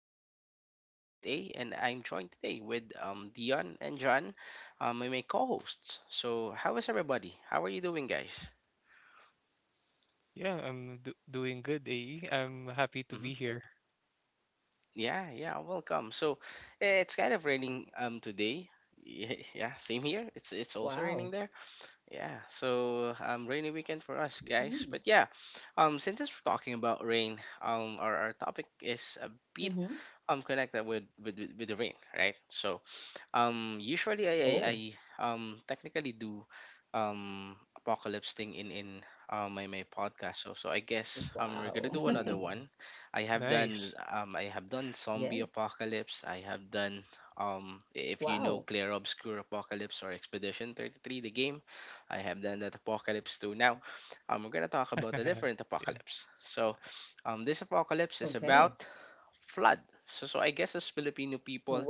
It's me, your host, A, and I'm joined today with Dion and John, my co-hosts. So, how is everybody? How are you doing, guys? Yeah, I'm do doing good, AE. I'm happy to Hmm. be here. Yeah, yeah, welcome. So, Same it's kind here, of same raining here. Today. Yeah, yeah, same here. Wow. It's also raining there. Yeah, so rainy Mm. weekend for us, guys. But yeah, since we're talking about rain, our topic Mm-hmm. is a bit connected with with the ring, right. So Oh, usually I technically do um apocalypse thing in my podcast, so I wow. guess we're gonna do another Ooh, one. i have done nice. I Yes. have done zombie apocalypse. I have done Wow. If you know clear obscure apocalypse or expedition 33, the game, I have done that apocalypse too now. We're gonna talk about a different Yeah. apocalypse. So this Okay. apocalypse is about flood. So I guess as Filipino Wow. people,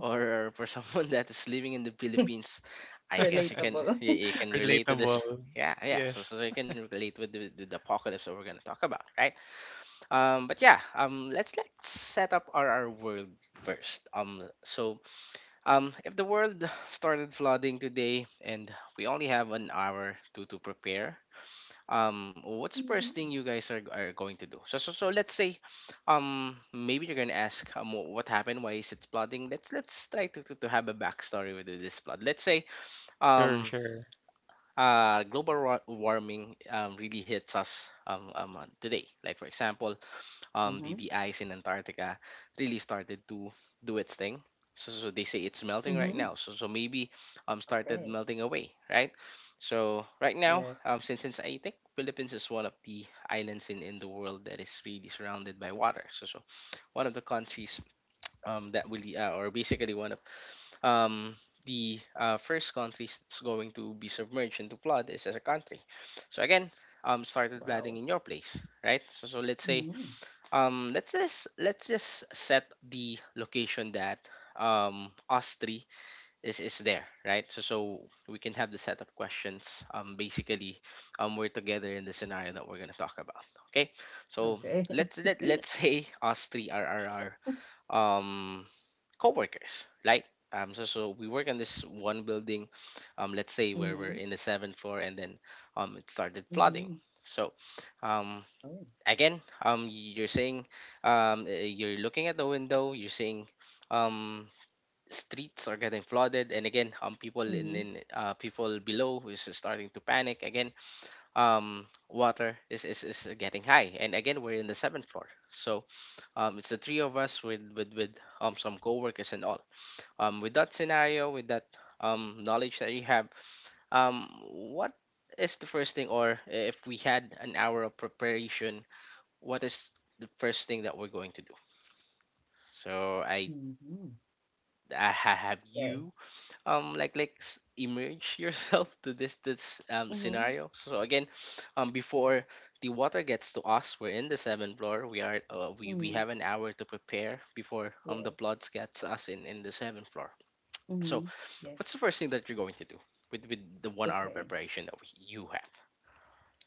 or for someone that is living in the Philippines, I Relatable. guess you can relate to this. Relatable. Yeah, yeah. Yes. So you can relate with with the apocalypse that we're gonna talk about, right? But yeah, let's set up our world first. If the world started flooding today and we only have an hour to prepare, what's the Mm-hmm. first thing you guys are going to do? So let's say maybe you're gonna ask, what happened, why is it flooding? Let's try to have a backstory with this flood. Let's say Sure, um sure. Global warming really hits us today, like for example Mm-hmm. The ice in Antarctica really started to do its thing. So they say it's melting Mm-hmm. right now. So maybe Okay. started melting away, right? So right now, Yes. Since I think Philippines is one of the islands in the world that is really surrounded by water. So one of the countries that will or basically one of um the first countries that's going to be submerged into flood is as a country. So again, started Wow. flooding in your place, right? So let's say Mm-hmm. Let's just set the location that us three is there, right. So we can have the set of questions, basically we're together in the scenario that we're going to talk about, okay. So Okay. Let's say us three are our co-workers, like so we work in this one building, let's say, where Mm-hmm. we're in the seventh floor, and then it started Mm-hmm. flooding. So um Oh. again, you're saying, you're looking at the window, you're seeing, um, streets are getting flooded, and again, people Mm-hmm. In people below is starting to panic again. Water is getting high, and again, we're in the seventh floor, so, it's the three of us with some coworkers and all. With that scenario, with that knowledge that you have, what is the first thing? Or if we had an hour of preparation, what is the first thing that we're going to do? So I, Mm-hmm. I ha- have Okay. you immerse yourself to this Mm-hmm. scenario. So again, before the water gets to us, we're in the seventh floor. We Mm-hmm. have an hour to prepare before the Yes. floods gets us in the seventh floor. So Mm-hmm. what's the Yes. first thing that you're going to do with the 1 hour Okay. preparation that you have?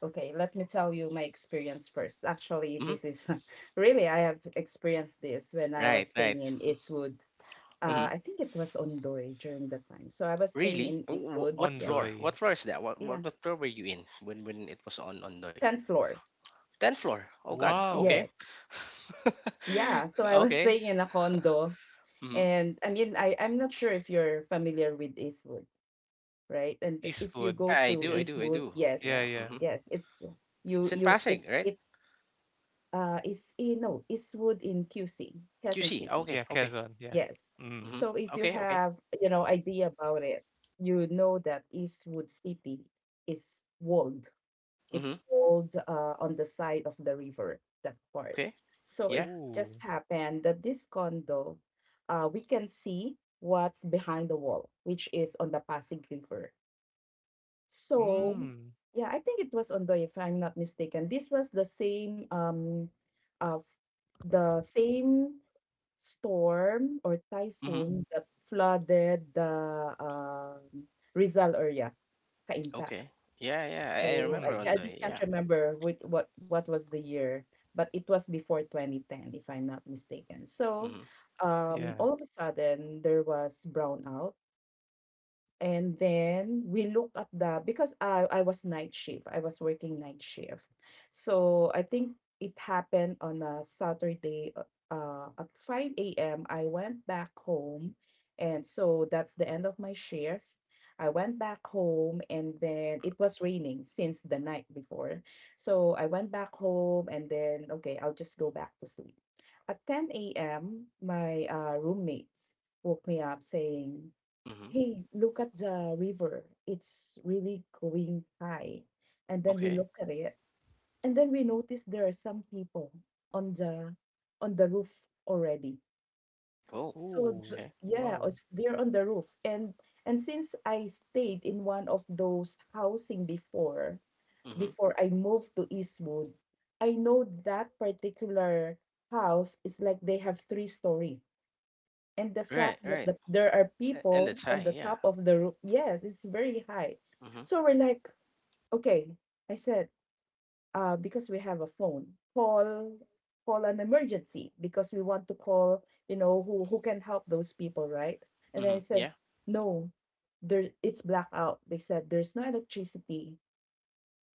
Okay, let me tell you my experience first. Actually, Hmm. this is really, I have experienced this when I Right, was right. staying in Eastwood. Hmm. I think it was Ondoy during the time. So I was staying Really? in Eastwood. What Yes. floor? What Ondoy. floor is that? What, what Yeah. what floor were you in when it was on Ondoy? 10th floor. Tenth floor. Oh God. Okay. Wow. Yes. Yeah. So I was okay. staying in a condo. Hmm. And I mean, I'm not sure if you're familiar with Eastwood, right? And if you go Eastwood. Yeah, to I do. I Yeah. do. I Eastwood, do. yes. Yeah, Yeah. yeah. Hmm. Yes. It's in Pasig, It's, right? it, is, eh, no, Eastwood in QC, Quezon QC. City. Okay. Yeah, Okay. Quezon. Yeah. Yes. Hmm. Mm. So if you Okay. Okay. have, idea about it, you know that Eastwood City is walled. Hmm. It's walled on the side of the river, that part. Okay. So Yeah. it just Ooh. happened that this condo, we can see what's behind the wall, which is on the Pasig River. So, Mm. yeah, I think it was Ondo, if I'm not mistaken. This was the same of the same storm or Hmm. typhoon that flooded um, Rizal area, Cainta. Okay. Yeah. Yeah. I So remember I Mm. I just Ondoy. can't Yeah. remember what was the year, but it was before 2010, if I'm not mistaken. So, Hmm. Yeah. all of a sudden there was brownout and then we look at the because I was night shift. I was working night shift. So I think it happened on a Saturday at 5 a.m. I went back home and so that's the end of my shift. I went back home and then it was raining since the night before. So I went back home and then okay, I'll just go back to sleep. At 10 a.m., my roommates woke me up saying, Hmm. hey, look at the river. It's really going high. And then we Okay. look at it. And then we notice there are some people on the on the roof already. Oh. So Ooh. Okay. yeah, Wow. They're on the roof. And since I stayed in one of those housing before, Hmm. before I moved to Eastwood, I know that particular house is like they have 3 story, and the fact Right. that Right. There are And it's people on high. the Yeah. top of the roof, yes, it's very high. Hmm. So we're like, okay, I said, because we have a phone, call call an emergency because we want to call, who can help those people, right? And then I Hmm. said, Yeah. no, there it's blackout. They said there's no electricity.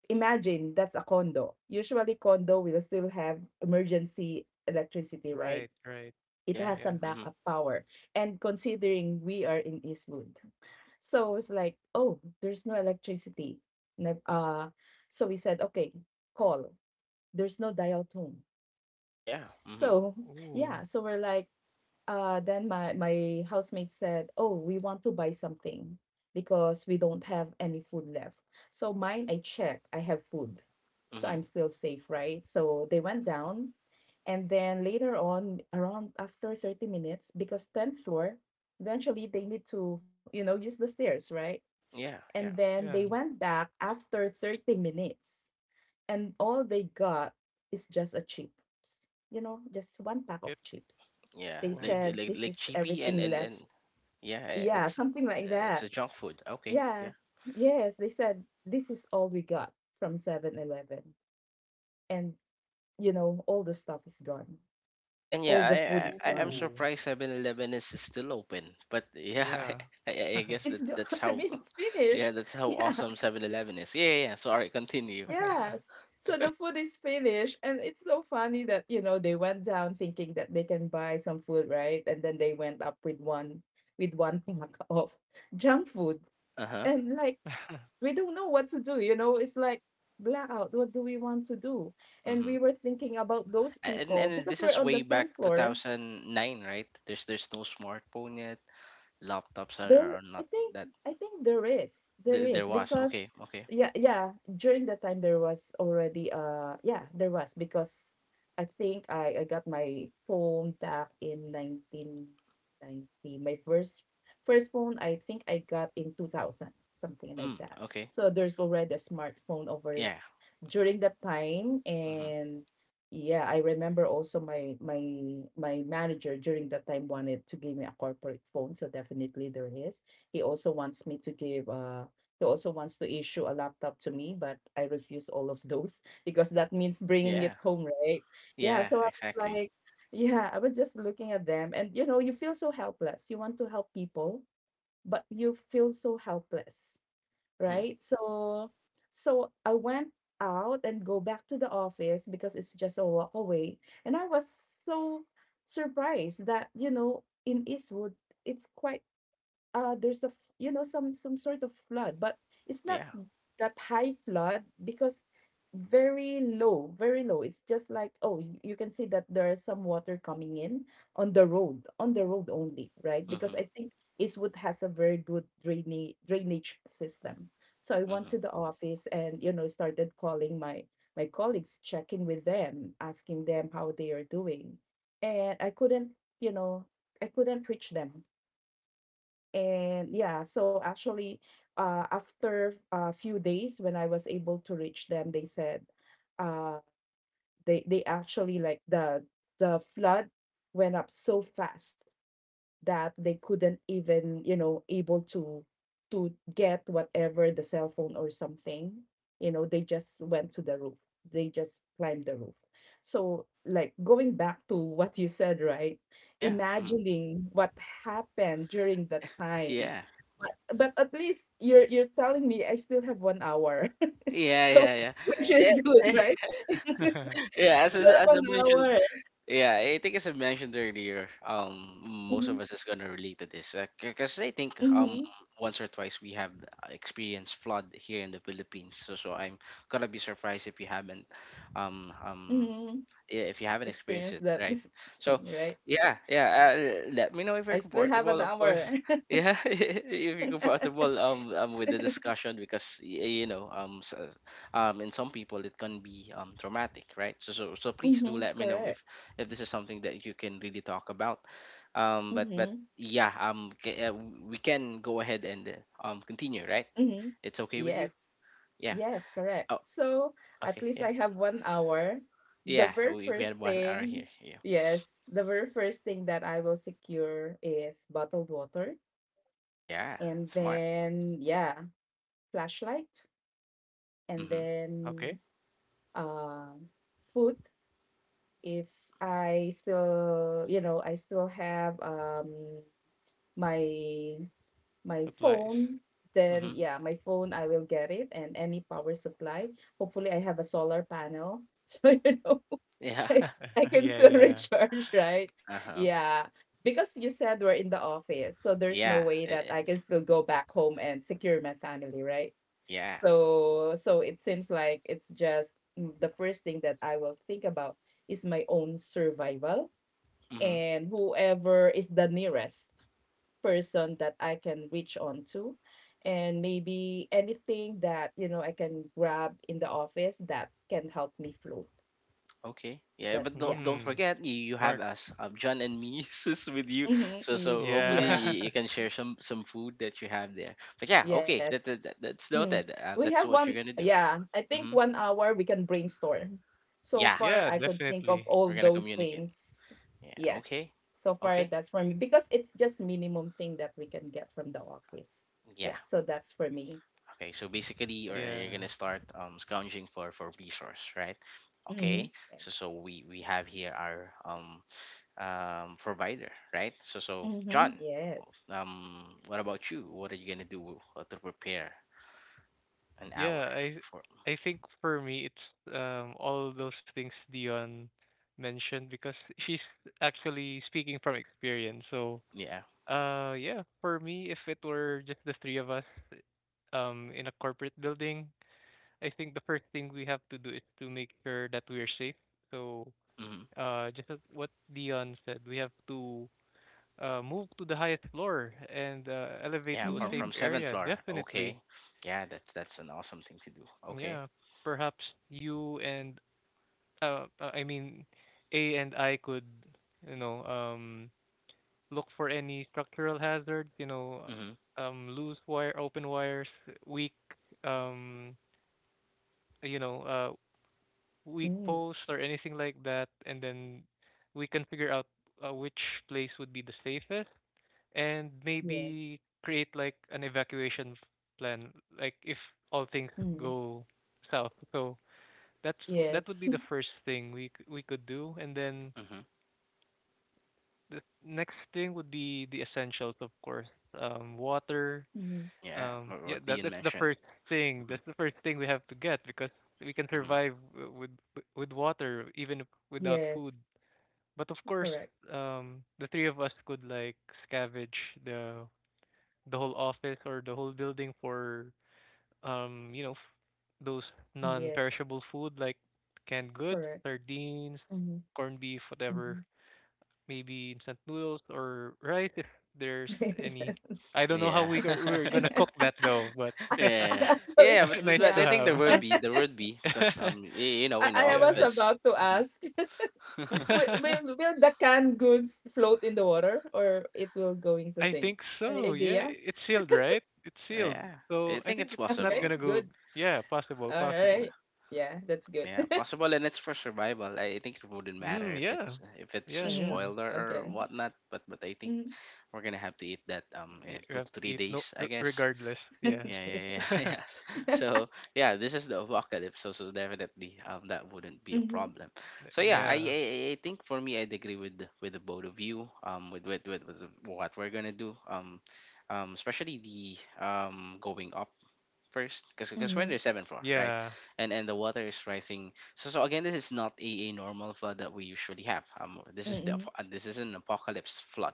Imagine that's a condo. Usually condo will still have emergency electricity, right? Right. It Yeah. has some Yeah. Hmm. backup power. And considering we are in Eastwood, so it's like, oh, there's no electricity. Nev- Uh, so we said, okay, call. There's no dial tone. Yeah. Hmm. So Ooh. yeah, so we're like, then my housemate said, oh, we want to buy something because we don't have any food left. So mine, I checked, I have food. So Hmm. I'm still safe, right? So they went down, and then later on around after 30 minutes, because 10th floor eventually they need to use the stairs, right? Yeah, And yeah, then they Yeah. went back after 30 minutes, and all they got is just a chips, just one pack of It. chips. yeah. They Like Wow. said, like this like is cheapy and everything and left. and yeah, Yeah, something like it's that. a junk food. Okay, Yeah. yeah. Yes, they said, this is all we got from 7 Eleven. And, all the stuff is gone. And All the food yeah, is I'm gone. Ooh. surprised 7-Eleven 11 is still open. But yeah, Yeah. I guess It's that's gone. that's I how mean, yeah, finished. that's how Yeah. awesome 7-Eleven is. Yeah, yeah, yeah. Sorry, continue. Yes. So the food is finished, and it's so funny that they went down thinking that they can buy some food, right? And then they went up with one pack of junk food, Uh-huh. and like we don't know what to do. It's like blackout. What do we want to do? And Mm-hmm. we were thinking about those And people and because this we're is on the way tenth back floor. 2009, right? There's no smartphone yet. Laptops There, are I not think, that I think there is, there there is was. because, Okay, okay. yeah, yeah. During that time, there was already, yeah, there was because I think I got my phone back in 1990. My first phone, I think I got in 2000, something like Mm, that. okay. So there's already a smartphone over Yeah. during that time. Mm. And yeah, I remember also my manager during that time wanted to give me a corporate phone, so definitely there is. he also wants me to give uh he also wants to issue a laptop to me, but I refuse all of those because that means bringing it Yeah. home, right? Yeah, Yeah, so I was exactly. like, yeah, I was just looking at them, and you feel so helpless, you want to help people, but you feel so helpless, Hmm. right? So I went out and go back to the office because it's just a walk away. And I was so surprised that, in Eastwood, it's quite there's a some sort of flood, but it's not Yeah. that high flood because very low, very low, it's just like, oh, you can see that there is some water coming in on the road only, right? Because Hmm. I think Eastwood has a very good drainage system. So I went Hmm. to the office, and started calling my colleagues, checking with them, asking them how they are doing, and you know I couldn't reach them. And yeah, so actually after a few days when I was able to reach them, they said, uh, they actually like the flood went up so fast that they couldn't even able to get whatever the cell phone or something. They just went to the roof, they just climbed the roof. So like going back to what you said, right? Yeah. Hmm. Imagining what happened during that time, Yeah. but at least you're telling me I still have 1 hour. Yeah, So, yeah, yeah, which yeah, Yeah, is good, right? Still yeah. As, as have as I one mentioned, hour yeah, I think as I mentioned earlier, most Mm-hmm, of us is gonna relate to this, because I think mm-hmm, once or twice we have experienced flood here in the Philippines. So I'm gonna be surprised if you haven't. um um mm-hmm. yeah, if you haven't experienced it, Experience that right? So, thing, right? yeah, yeah. Let me know if you're I still have an comfortable, of course. hour. Yeah, if you're comfortable with the S discussion, because y- you know s in some people it can be traumatic, right? So please do let Mhm, me know correct. if this is something that you can really talk about. But Mhm, yeah, we can go ahead and continue, right? mhm. It's okay with Yes. you? Yeah. Yes, correct. Oh, So, at okay. least Yeah. I have 1 hour. The Yeah. very We had first 1 hour here. thing Yeah. yes, the very first thing that I will secure is bottled water, Yeah. and Smart. then, yeah, flashlight, and Mhm. then, Okay, uh, food if I still have, my my supplies. phone. Then Mm. Mm-hmm. yeah, my phone, I will get it, and any power supply. Hopefully, I have a solar panel. So, Yeah. I, I can Yeah, still yeah. recharge, right? Uh-huh. Yeah. Because you said we're in the office. So there's no Yeah. way that I can still go back home and secure my family, right? Yeah. So, it seems like it's just the first thing that I will think about is my own survival Mm-hmm. and whoever is the nearest person that I can reach on to. And maybe anything that, I can grab in the office that can help me float. Okay. Yeah, but That's, don't yeah. don't Hmm. forget you have Mark. us, John and me sis, with you. So Mm-hmm. hopefully Yeah. You Yeah. can share some food that you have there. But yeah, okay. Yes. That's Mm. noted. We That's have what you're one, gonna do. yeah, I think Mm-hmm. 1 hour we can brainstorm. So Yeah. far, Yeah, I could think of definitely. all We're gonna those communicate. things. Yeah. Yes. Okay. So far, Okay. that's for me because it's just minimum thing that we can get from the office. Yeah. Yeah, so that's for me. Okay. So basically, or Yeah. you're gonna start scrounging for resource, right? Mm-hmm. Okay. So Yes. so we have here our provider, right? So John, Mm-hmm. Yes. What about you? What are you gonna do to prepare an hour Yeah, I for? I think for me it's all those things Dion mentioned because she's actually speaking from experience. So, Yeah. Yeah, for me if it were just the three of us in a corporate building, I think the first thing we have to do is to make sure that we're safe. So, Hmm. Just as what Dion said, we have to move to the highest floor and elevate Yeah, to Mm-hmm. a safe from seventh area. floor. Definitely. Okay, yeah, that's an awesome thing to do. Okay. Yeah. Perhaps you and I mean, A and I could, you know, um, look for any structural hazards, Mm-hmm, loose wire, open wires, weak, um, you know, uh, weak Mm. posts or anything like that, and then we can figure out which place would be the safest and Yes. maybe create like an evacuation plan, like if all things Mm. go south. So that's that Yes. would be the first thing we could do, and then mm-hmm, the next thing would be the essentials, of course, water. Mm-hmm. yeah, Yeah, what that Ian that's the mentioned. first thing. Hmm. That's the first thing we have to get because we can Hmm. survive with water even if without Yes. food. But of course, Correct. The three of us could like scavenge the the whole office or the whole building for um you know f- those Yes. non-perishable food like canned goods, Correct. sardines, Mm-hmm. corned beef, Mm-hmm. whatever, maybe instant noodles or rice if there's any. I don't know Yeah, we're gonna cook that though, but yeah, Actually, yeah, nice but to I yeah. think I, have. there would be because in the I yeah. was office. about to Mhm. ask, will, will, will the canned goods float in the water, or it will going to I sink? think Any so. Yeah, idea? it's sealed, right? It's sealed. yeah, I So I think think it's it's not possible. Okay, gonna go. good. Yeah, possible, All possible. right. Yeah, that's good. Yeah, possible, and it's for survival. I think it wouldn't Mm, matter yeah. If it's Yeah, a Mm-hmm. yeah. spoiler or Okay. whatnot. But I think we're gonna have to eat that in You two have to to three eat no days, I r- guess. regardless. Yeah. Yeah, Mm-hmm. yeah, yeah, yes. So yeah, this is the apocalypse. So definitely that wouldn't be a problem. So yeah, Yeah. I think for me I'd agree with with the both of you, with what we're gonna do, especially the going up first, because we're in the Mhm, seventh floor, right. Yeah. And the water is rising. So again, this is not a normal flood that we usually have. Mhm, This is an apocalypse flood.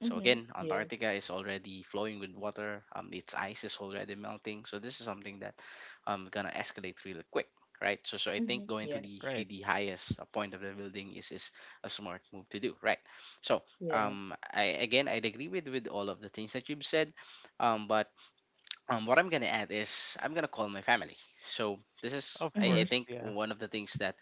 So again, Yes. Antarctica is already flowing with water. Its ice is already melting. So this is something that gonna escalate really quick, right. So I think Mhm. going to Yes. Right. the highest point of the building is a smart move to do, right. So Yes. I'd agree with all of the things that you've said, but what I'm gonna add is I'm gonna call my family. So this is Of I Mhm. course. think Yeah. one of the things that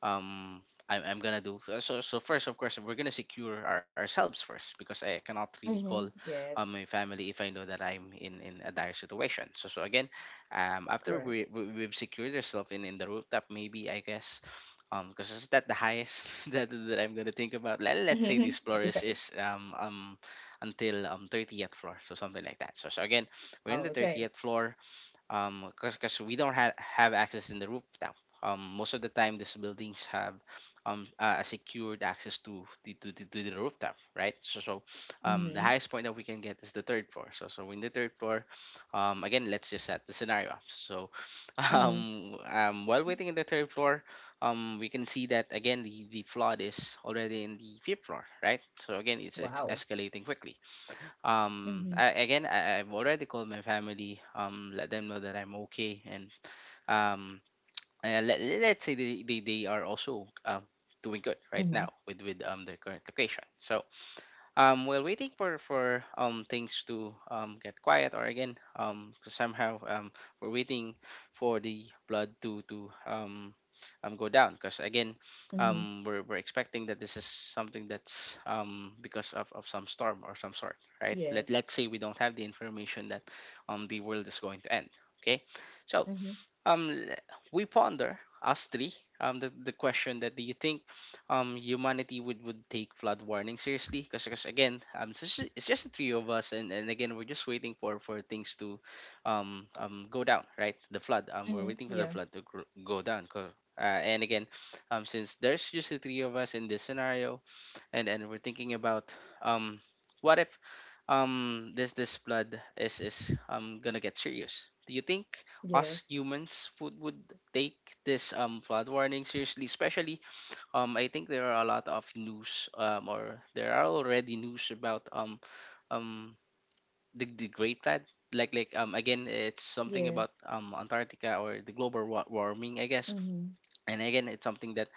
um I'm gonna do. So first, of course, we're gonna secure ourselves first because I cannot really Mhm. call Yes. My family if I know that I'm in a dire situation. So again, Correct. after we've secured ourselves in the rooftop, maybe I guess. Because is that the highest that I'm gonna think about? Let's Mhm. say this floor Yes. Is until 30th floor, so something like that. So again, Oh, we're in the okay. 30th floor because we don't have access in the rooftop. Most of the time, these buildings have a secured access to the to the rooftop, right? So Mhm. the highest point that we can get is the third floor. So so we're in the third floor. Again, let's just set the scenario up. So Mhm. While waiting in the third floor, we can see that again the flood is already in the fifth floor, right? So again, it's Wow. escalating quickly. Um Mhm. I, again I, I've already called my family, let them know that I'm okay. And um let's say they are also doing good right Mhm. now with their current location. So while waiting for things to get quiet, or again, 'cause somehow, we're waiting for the blood to go down, because again Mhm. We're expecting that this is something that's, because of some storm or some sort. Right, Let, Yes. let's say we don't have the information that the world is going to end, okay? So Mhm. um l- we ponder us three the question that, do you think humanity would take flood warning seriously? Because again, it's just the three of us, and again, we're just waiting for things to go down. Right, the flood, we're Mhm. waiting for the Yeah. flood to go down, and again, since there's just the three of us in this scenario, and we're thinking about, um what if this this flood is gonna get serious. Do you think us Yes. humans would take this flood warning seriously? Especially, I think there are a lot of news, or there are already news about, um the Great Flood. Like again, it's something about Yes. Antarctica or the global warming, I guess. Mhm. And again, it's something that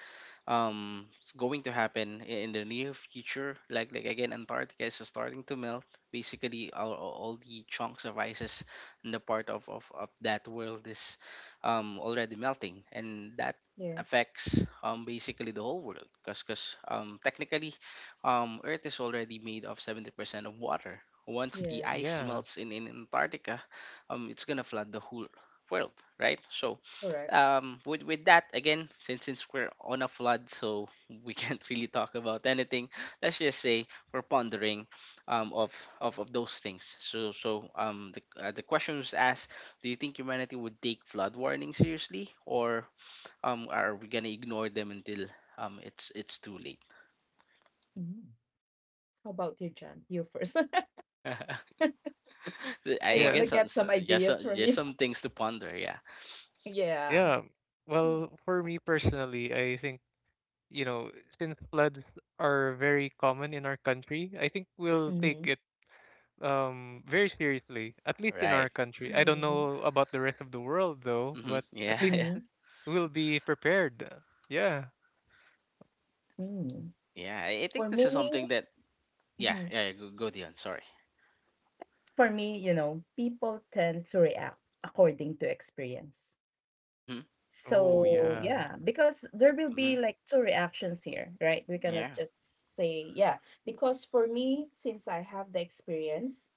it's going to happen in the near future, like again, Antarctica is starting to melt, basically all the chunks of ices in the part of that world is already melting, and that Yes. affects basically the whole world. Because technically earth is already made of 70% of water. Once the Yes. ice Yeah. melts in Antarctica, it's gonna flood the whole world, right? So Correct. With that, again, since we're on a flood, so we can't really talk about anything. Let's just say we're pondering of those things. So so the question was asked, do you think humanity would take flood warnings seriously, or are we gonna ignore them until it's too late? Mhm. How about you, John? You first. I, I Yeah. want again to s- some, get some ideas so- from just you. some things to ponder, yeah. Yeah. Yeah. Well, for me personally, I think, you know, since floods are very common in our country, I think we'll take Mhm. it very seriously, at least in our Right. country. I don't Mhm. know about the rest of the world though, Mm-hmm. but at Yeah. least Yeah. Mhm. we'll be prepared. Yeah. Mhm. Yeah, I For think me, this is something that, yeah, Mhm. yeah, go, go Dion, sorry. For me, people tend to react according to experience. Mm-hmm. Oh, So, yeah. yeah, because there will Mm-hmm. be like two reactions here, right? We cannot Yeah. just say, yeah, because for me, since I have the experience,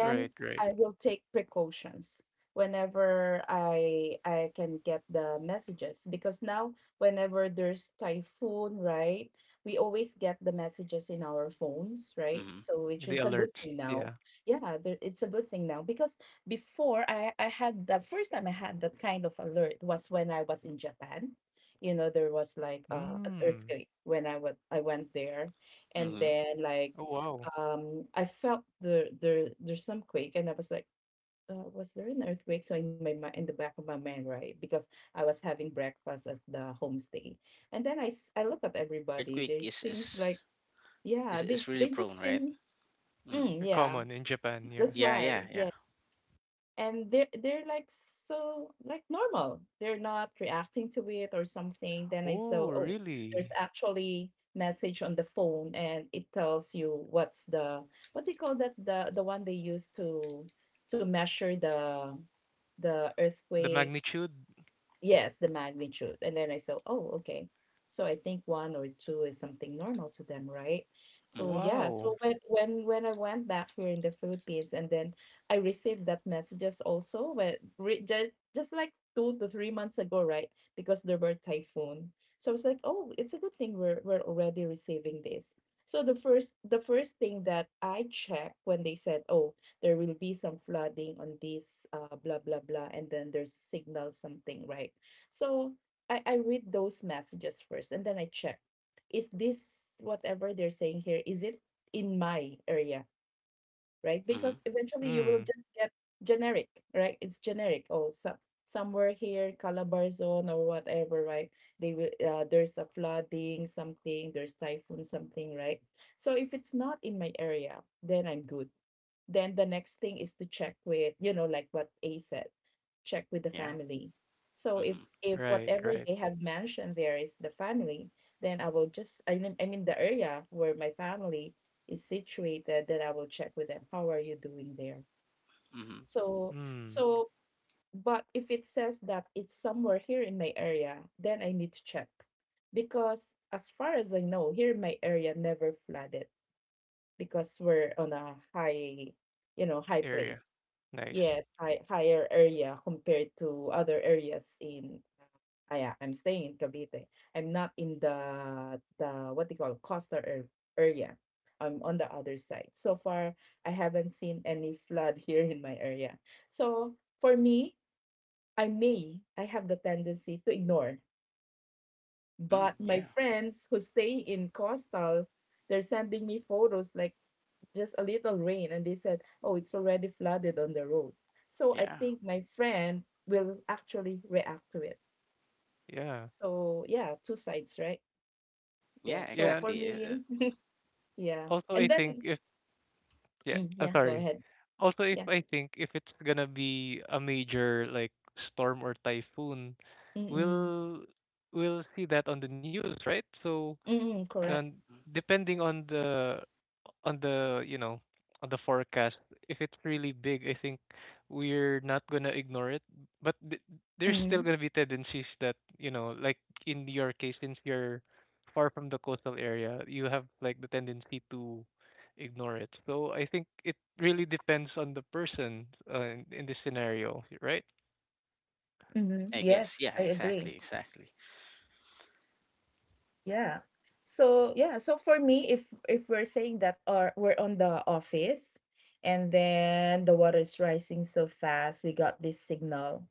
Right, right. I will take precautions whenever I can get the messages because now whenever there's typhoon, right? We always get the messages in our phones, right? Mhm, So which The is a good alerts, thing yeah. now. Yeah, there, it's a good thing now because before I had the first time I had that kind of alert was when I was in Japan. You know, there was like an Mm. earthquake when I went there, and mhm, then like Oh, wow. I felt there's some quake. And I was like, was there an earthquake, so in in the back of my mind, right? Because I was having breakfast at yeah. the I homestay. think in And then Japan, I look at everybody, earthquake they seems like, yeah, is they really they prone, just right? seem. Hmm. Mm, They're yeah, common in Japan, yeah. that's Yeah, why. yeah, yeah. Yeah, and they're like, so like normal, they're not reacting to it or something. Then I saw, Oh, oh, there's really? actually Hmm. message on the phone, Exactly, and right? it tells you what's the— what do you call that, the one they use to measure the The earthquake? magnitude? Yes, the magnitude. And then I said, oh, okay. So I think one or two is something normal to them, right? So Hmm. yeah, Wow. so when I went back here in the Philippines, and then I received that messages also. But just like 2 to 3 months ago, right? Because there were typhoon. So I was like, oh, it's a good thing we're already receiving this. So the first thing that I checked when they said, oh, there will be some flooding on this, blah blah blah, and then there's signal something, right? So I read those messages first, and then I check, is this whatever they're saying here, is it in my area, right? Hmm. Because eventually you will Mm. just get generic, right? It's generic. Oh, so somewhere here Calabar zone or whatever, right? They will, there's a flooding something, there's typhoon something, right? So if it's not in my area, then I'm good. Then the next thing is to check with, like what A said, check with Yeah. the family. So Hmm. if Right, whatever right. they have mentioned there is the family, then I will just— I mean the area where my family is situated, then I will check with them. How are you doing there? Hmm. So Mm. so but if it says that it's somewhere here in my area, then I need to check, because as far as I know, here in my area never flooded, because we're on a high, you know, high Area. place. Nice. Yes, higher area compared to other areas in, I'm staying in Cavite. I'm not in the what they call coastal area. I'm on the other side. So far, I haven't seen any flood here in my area. So for me, I have the tendency to ignore. Hmm. But Yeah, my friends who stay in coastal, they're sending me photos like just a little rain, and they said, oh, it's already flooded on the road. So I yeah, think my friend will actually react to it. Yeah. So yeah, two sides, right? yeah. Yeah. So Yeah, and for Exactly. Me, yeah. also I And then, think if yeah, mm, I'm yeah, go sorry. ahead. Also if Yeah. I think if it's gonna be a major like storm or typhoon, Mm-mm. we'll we'll see that on the news, right? So Mm-mm, yeah, and correct. depending on the on the you know on the forecast if it's really big I think we're not going to ignore it but there's Mm-hmm. still going to be tendencies that you know like in your case since you're far from the coastal area you have like the tendency to ignore it so I think it really depends on the person in this scenario right Mm-hmm. I guess. Yes, Yeah, I agree. exactly, exactly. Yeah. So yeah, so for me, if we're saying that our we're on the office, and then the water is rising so fast, we got this signal.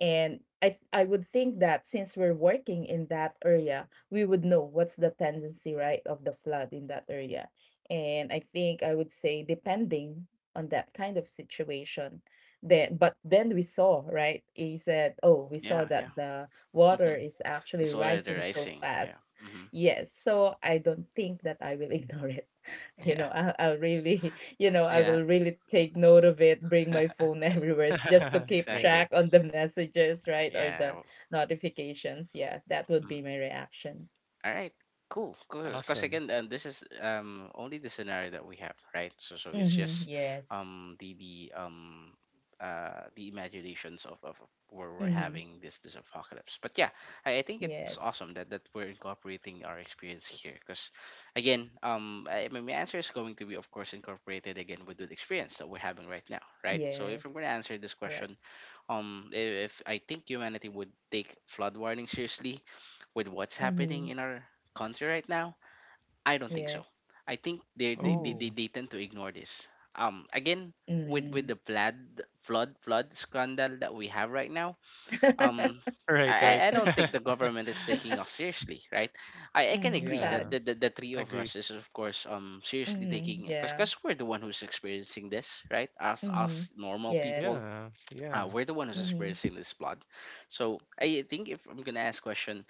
And I would think that since we're working in that area, we would know what's the tendency, right, of the flood in that area. And I think I would say depending on that kind of situation. Then But then we saw, right? He said, oh, we saw Yeah, yeah. that the water Mhm. is actually It's already rising so rising. Yeah. fast. Hmm. Yes, so I don't think that I will ignore it. You Yeah. know, I'll really, I Yeah. will really take note of it, bring my phone everywhere, just to keep right Exactly. track on the messages, right? Or Yeah. the Well, notifications. Yeah, that would mm-hmm. be my reaction. All right, cool. Because awesome again, this is only the scenario that we have, right? So so it's just Mm-hmm. Yes. um the the um the imaginations of where we're Mm-hmm. having this this apocalypse. But yeah, I think it's Yes. awesome that that we're incorporating our experience here. Because again, I, my answer is going to be, of course, incorporated again with the experience that we're having right now, right? So if I'm gonna Yes. answer this question, Correct. If I think humanity would take flood warning seriously with what's happening Mm-hmm. in our country right now, I don't think so. Yes. I think Mm-hmm. Oh they tend to ignore this. Again, with Mm. the flood flood scandal that we have right now, um right right I don't think the government is taking us seriously, right? I can Mm, agree that yeah sad. The three of Agree. us is, of course, seriously Mm-hmm. taking, Yeah. because we're the one who's experiencing this, right? Us us Mm-hmm. normal people, Yes. Yeah, yeah. we're the one who's Mm-hmm. experiencing this blood. So I think if I'm gonna ask question,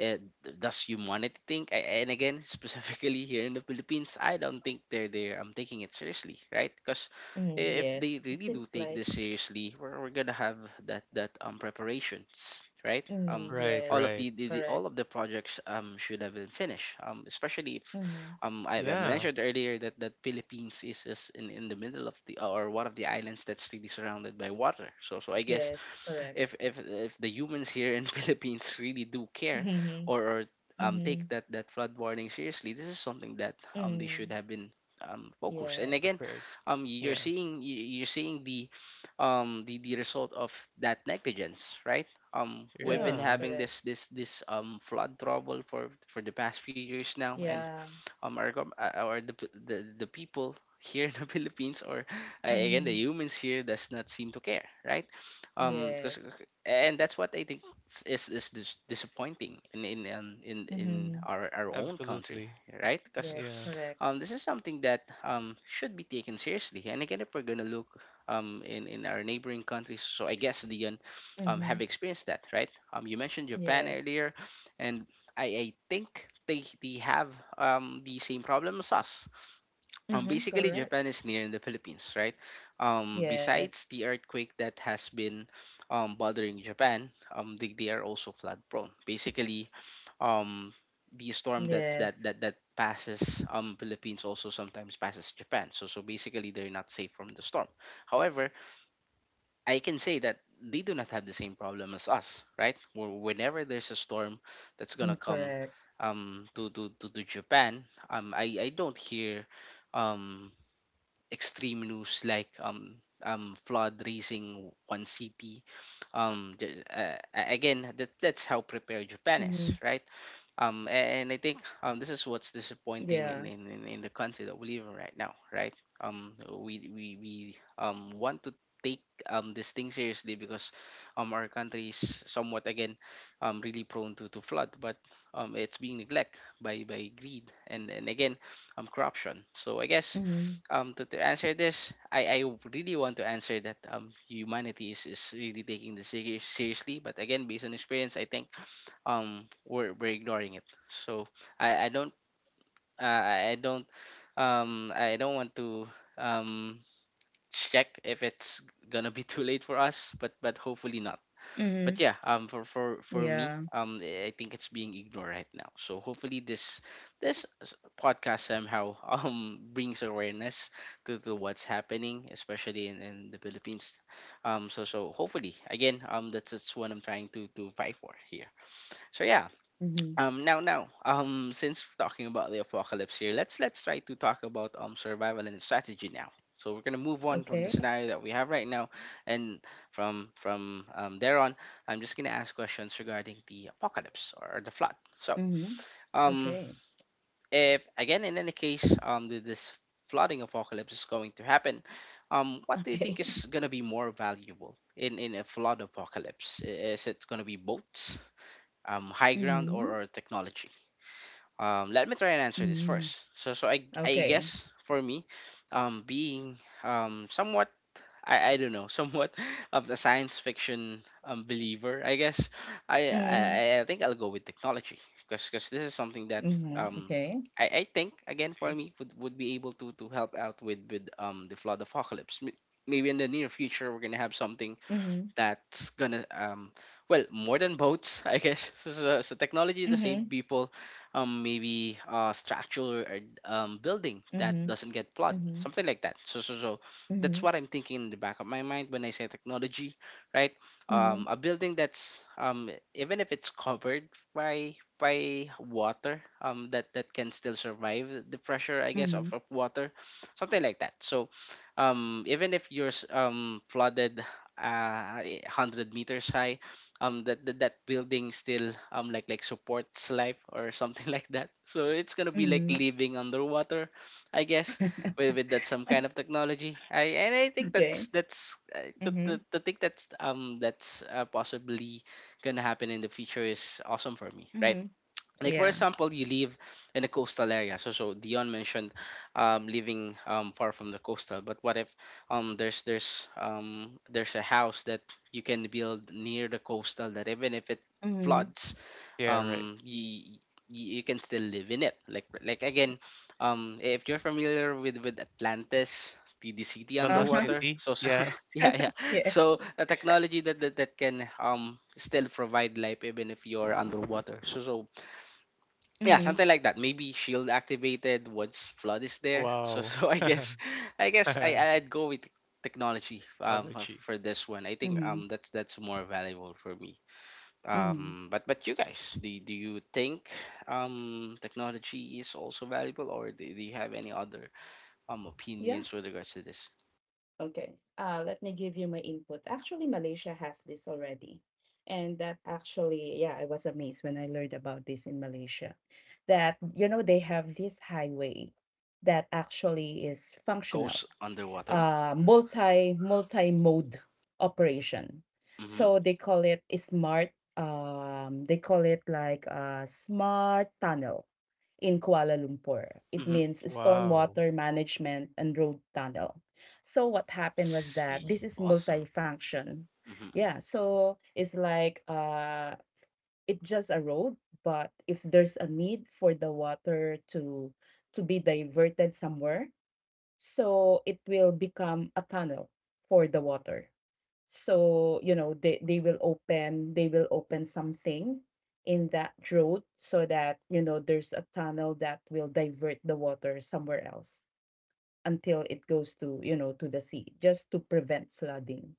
uh, does humanity think? I, and again, specifically here in the Philippines, I don't think they're there. I'm taking it seriously, right? Because Mm, if they yes. It really do seems take like— this seriously, we're gonna have that that preparations, right? Mm, Right, All of yes, right. The all of correct. the projects should have been finished. Especially if Mm-hmm. I Yeah, mentioned earlier that that Philippines is in the middle of the, or one of the islands that's really surrounded by water. So so I guess, Yes, correct. If the humans here in Philippines really do care, Mm-hmm. Or take Mm-hmm. that that flood warning seriously, this is something that they should Mm-hmm. have been focused. And again, Yes. prepared. You're Yeah, seeing you're seeing the result of that negligence, right? Um, we've been yeah. Yes, having this correct. this this flood trouble for the past few years now, and Yeah. Our or the, the people here in the Philippines, or again, the Mm-hmm. humans here does not seem to care, right? 'Cause- Yes. and that's what I think is disappointing in Mm-hmm. Our own country, Absolutely. right? Because Yeah. Yes, correct. this is something that should be taken seriously. And again, if we're gonna look in our neighboring countries, so I guess Dion have Mm-hmm. experienced that, right? You mentioned Japan Yes. earlier, and I think they have the same problem as us. Mm-hmm. Basically, Correct. Japan is near in the Philippines, right? Yes. Besides the earthquake that has been bothering Japan, they are also flood prone. Basically, um, Yes. the storm that that that that passes Philippines also sometimes passes Japan. So so basically, they're not safe from the storm. However, I can say that they do not have the same problem as us, right? Whenever there's a Mm, storm correct. that's gonna come, to Japan, I don't hear um, extreme news like flood raising one city. Mm-hmm. Again, that, that's how prepared Japan is, right? Um, and I Yeah. think this is what's disappointing in the country that we live in right now, right? We want to take this thing seriously because our country is somewhat, again, really prone to flood, but it's being neglected by greed, and again, Mm-hmm. corruption. So I guess to answer this, I really want to answer that, humanity is really taking this seriously, but again, based on experience, I think we're ignoring it. So I don't, I don't, I don't want to um check if it's gonna be too late for us, but hopefully not. Mm-hmm. But yeah, for Yeah. me, I think it's being ignored right now, so hopefully this this s- podcast somehow brings awareness to what's happening, especially in the Philippines. So so hopefully again, that's what I'm trying to fight for here, so yeah. Mm-hmm. Um, now, now, since we're talking about the apocalypse here, let's try to talk about survival and strategy now. So we're gonna move on from Okay. the scenario that we have right now, and from there on, I'm just gonna ask questions regarding the apocalypse or the flood. So, Mm-hmm. um, Okay. if again, in any case, this flooding apocalypse is going to happen, what do you Okay. think is gonna be more valuable in a flood apocalypse? Is it gonna be boats, high ground, Mm-hmm. Or technology? Um, let me try and answer this Mm-hmm. first. So, so I Okay. guess for me, being somewhat, I don't know, somewhat of a science fiction believer, I guess, Mm-hmm. I think I'll go with technology, because this is something that Mhm, um, okay. I think again for See? me would be able to help out with the flood apocalypse. Maybe in the near future we're gonna have something Mhm, that's gonna well, more than boats, I guess So technology to save mhm, people, maybe structural or building that mhm, doesn't get flood, mhm, something like that. So that's mhm, what I'm thinking in the back of my mind when I say technology, right? Mhm, A building that's even if it's covered by water, that can still survive the pressure, I guess, mhm, of water, something like that. So even if you're flooded 100 meters high, that, that building still like supports life or something like that, so it's gonna be like mhm. living underwater, I guess, with that some kind of technology. I and i think Okay. that's I to th- Mhm, to think that's possibly gonna happen in the future is awesome for me, right? mhm. Like, for Yeah. example, you live in a coastal area. So Dion mentioned living far from the coastal, but what if there's there's a house that you can build near the coastal that even if it Mhm. floods, Yeah, right. You, you can still live in it, like again, if you're familiar with Atlantis, the city The Lost underwater. Uh-huh. City. So Yeah. yeah, yeah. Yeah. So a technology that, that can still provide life even if you're underwater. So yeah, Mhm, something like that, maybe shield activated once flood is there so Wow. so i guess i guess i i'd go with technology Allergy. for this one. I think mhm, that's more valuable for me. mhm. But you guys, do, do you think technology is also valuable, or do, do you have any other Yeah. opinions with regards to this? Okay. Let me give you my input. Actually, Malaysia has this already. And that actually, yeah, I was amazed when I learned about this in Malaysia. That, you know, they have this highway that actually is functional, Goes underwater. Multi mode operation. Mm-hmm. So they call it a smart. They call it like a smart tunnel in Kuala Lumpur. It Mm-hmm. means Wow. stormwater management and road tunnel. So what happened was that See, this is awesome. multifunction. Mm-hmm. Yeah, so it's like, it's just a road, but if there's a need for the water to be diverted somewhere, so it will become a tunnel for the water. So, you know, they will open something in that road, so that, you know, there's a tunnel that will divert the water somewhere else, until it goes to, you know, to the sea, just to prevent flooding.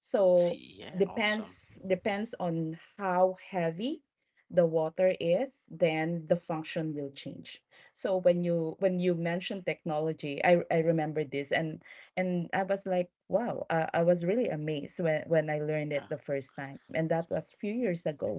So See, yeah, awesome. Depends on how heavy the water is, then the function will change. So when you mentioned technology, I remember this, and I was like, wow, I was really amazed when I learned it Yeah, the first time, and that was few years ago,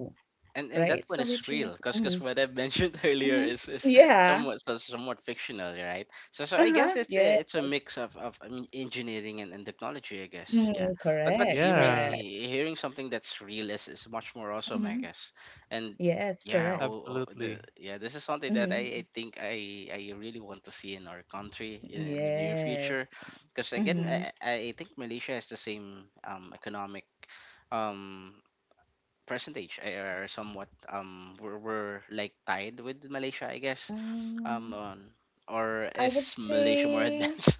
and right? that So one is which real means, because mm, what I've mentioned earlier mm-hmm, is yeah, somewhat somewhat fictional, right? So so I guess uh-huh, yeah, it's a mix of, I mean, engineering and technology, I guess. Yeah, mm, but correct, hearing Yeah, hearing something that's real is much more awesome, I mm-hmm, guess. And yes, yeah, correct, ho- ho- the absolutely. yeah, this is something that mm-hmm, I think I really want to see in our country in the near future, yes, because again mm-hmm. I think Malaysia has the same economic um percentage are somewhat we're like tied with Malaysia, I guess. Um, On, or I would is Malaysia more say advanced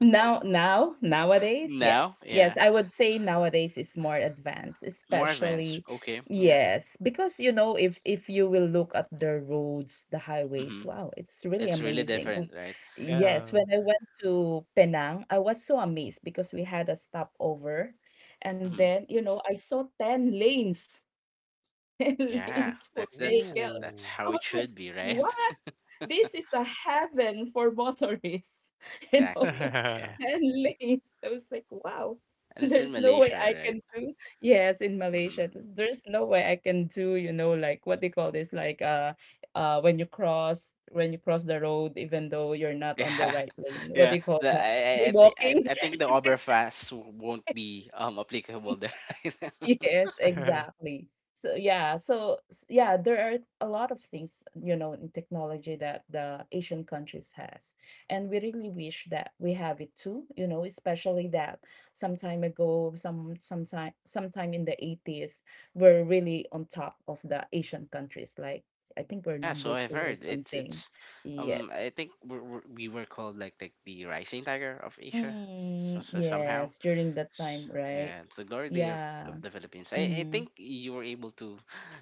nowadays, now? yes. Yes, Yeah, I would say nowadays is more advanced, more advanced. especially Okay, yeah. yes, because you know if you will look at the roads, the highways, Mm-hmm. wow, it's really It's really amazing. Oh. different, right? Yes, Yeah. when I went to Penang, I was so amazed because we had a stopover, and Mm-hmm. then, you know, I saw 10 lanes, 10 Yeah, lanes for that's vehicles. that's Ooh. how I it was like, should be, right? "What?" This is a heaven for motorists, you know, Exactly. Yeah, and lanes. I was like, wow, and it's in there's no way Malaysia, I right? can do. Yes, in Mm-hmm. Malaysia, there's no way I can do, you know, like what they call this, like, when when you cross the road, even though you're not on the Yeah, right lane, what yeah. they call The, that, I, th- jaywalking. I think the Oberfast won't be applicable there. Yes, exactly. So yeah, so yeah, there are a lot of things, you know, in technology that the Asian countries has. And we really wish that we have it too, you know, especially that some time ago, sometime in the 80s, we're really on top of the Asian countries. Like I think we're Yeah, so number I've two or heard something. it's I Yes. think we're, we were called like the rising tiger of Asia, so, Mm, so somehow, yes, during that time, right? yeah, it's the glory day Yeah. of the Philippines. I Mm-hmm. think you were able to,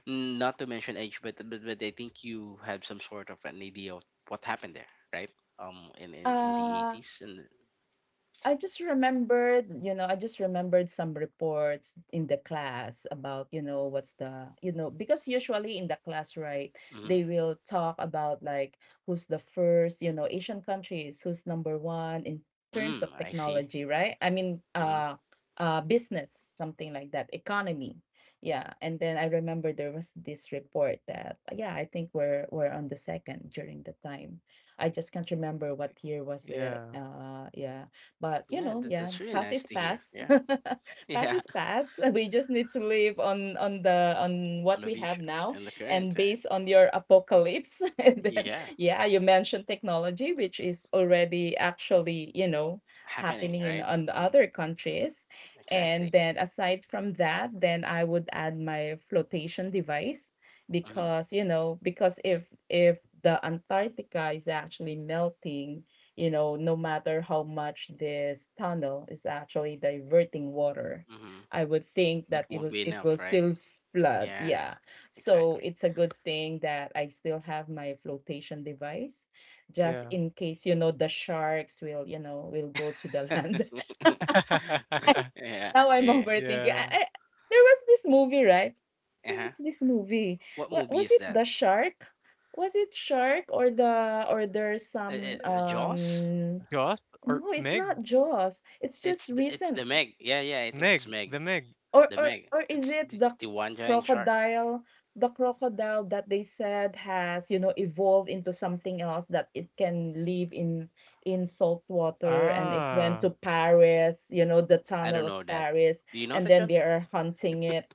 not to mention age, but I think you had some sort of an idea of what happened there, right? In the Uh, eighties and I just remembered, I just remembered some reports in the class about, what's the, because usually in the class, right, mm-hmm. they will talk about like who's the first, Asian countries, who's number one in terms of Mm, I see. technology, right? I mean, Mm-hmm. Business, something like that, economy. Yeah. And then I remember there was this report that, yeah, I think we're on the second during the time. I just can't remember what year was it. Yeah, Yeah, but, you Yeah, know, that, yeah, that's really past nice is to hear. past. Yeah, Past yeah, is past. We just need to live on on what the we have future now, and the and current, right? based on your apocalypse. And then, Yeah, yeah, you mentioned technology, which is already actually, you know, happening, happening in right? on the Mm, other countries. And exactly. then aside from that, then I would add my flotation device, Hmm. because, you know, because if the Antarctica is actually melting, you know, no matter how much this tunnel is actually diverting water, Hmm. I would think It that won't be it enough, will right? still flood. Yeah, Yeah. So exactly. it's a good thing that I still have my flotation device, just yeah. in case, you know, the sharks will, you know, will Yeah, go to the land. yeah, Now I'm yeah. overthinking. Yeah. There was this movie, right? There Uh-huh. was this movie. What What movie was is it, that? the shark? Was it shark, or there's some Jaws? Jaws or no, it's Meg? not Jaws. It's just It's recent. the Meg. Yeah, yeah. I think it's Meg, Meg. the Meg. The Meg. Or is It's it the one giant shark. crocodile, the crocodile that they said has, you know, evolved into something else, that it can live in salt water, and it went to Ah. Paris, you know, the I tunnel don't of know that. Paris, Do you know and that, then John? they are hunting it,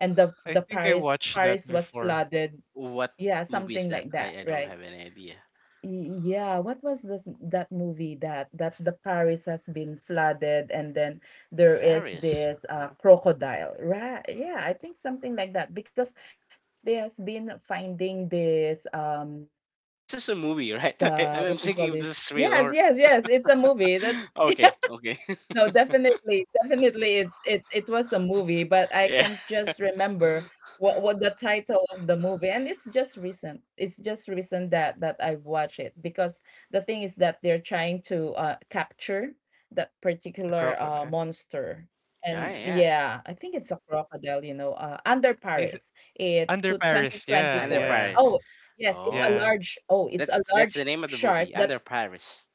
and I the think I watched that Paris was before. flooded. What Yeah, movie is something that? like that, I don't right? have any idea. Yeah, what was this that movie that the Paris has been flooded, and then there is Paris. this, Uh-huh. crocodile, right? Yeah, I think something like that because they has been finding this This is a movie, right? I, the— I'm what do you call thinking if this? this is real Yes, or. yes, yes. It's a movie. That's— Okay, okay. No, definitely, definitely, it was a movie, but I Yeah. can't just remember what the title of the movie, and it's just recent. It's just recent that I have watched it, because the thing is that they're trying to, capture that The particular, crocodile. monster, Yeah, and yeah. yeah, I think it's a crocodile. You know, under I s Paris, it's Under to Paris. twenty twenty And the four. Yeah, Oh. Paris. Yes, it's a Oh. yeah. large. Oh, it's a That's large the name of the shark movie, that Under Paris.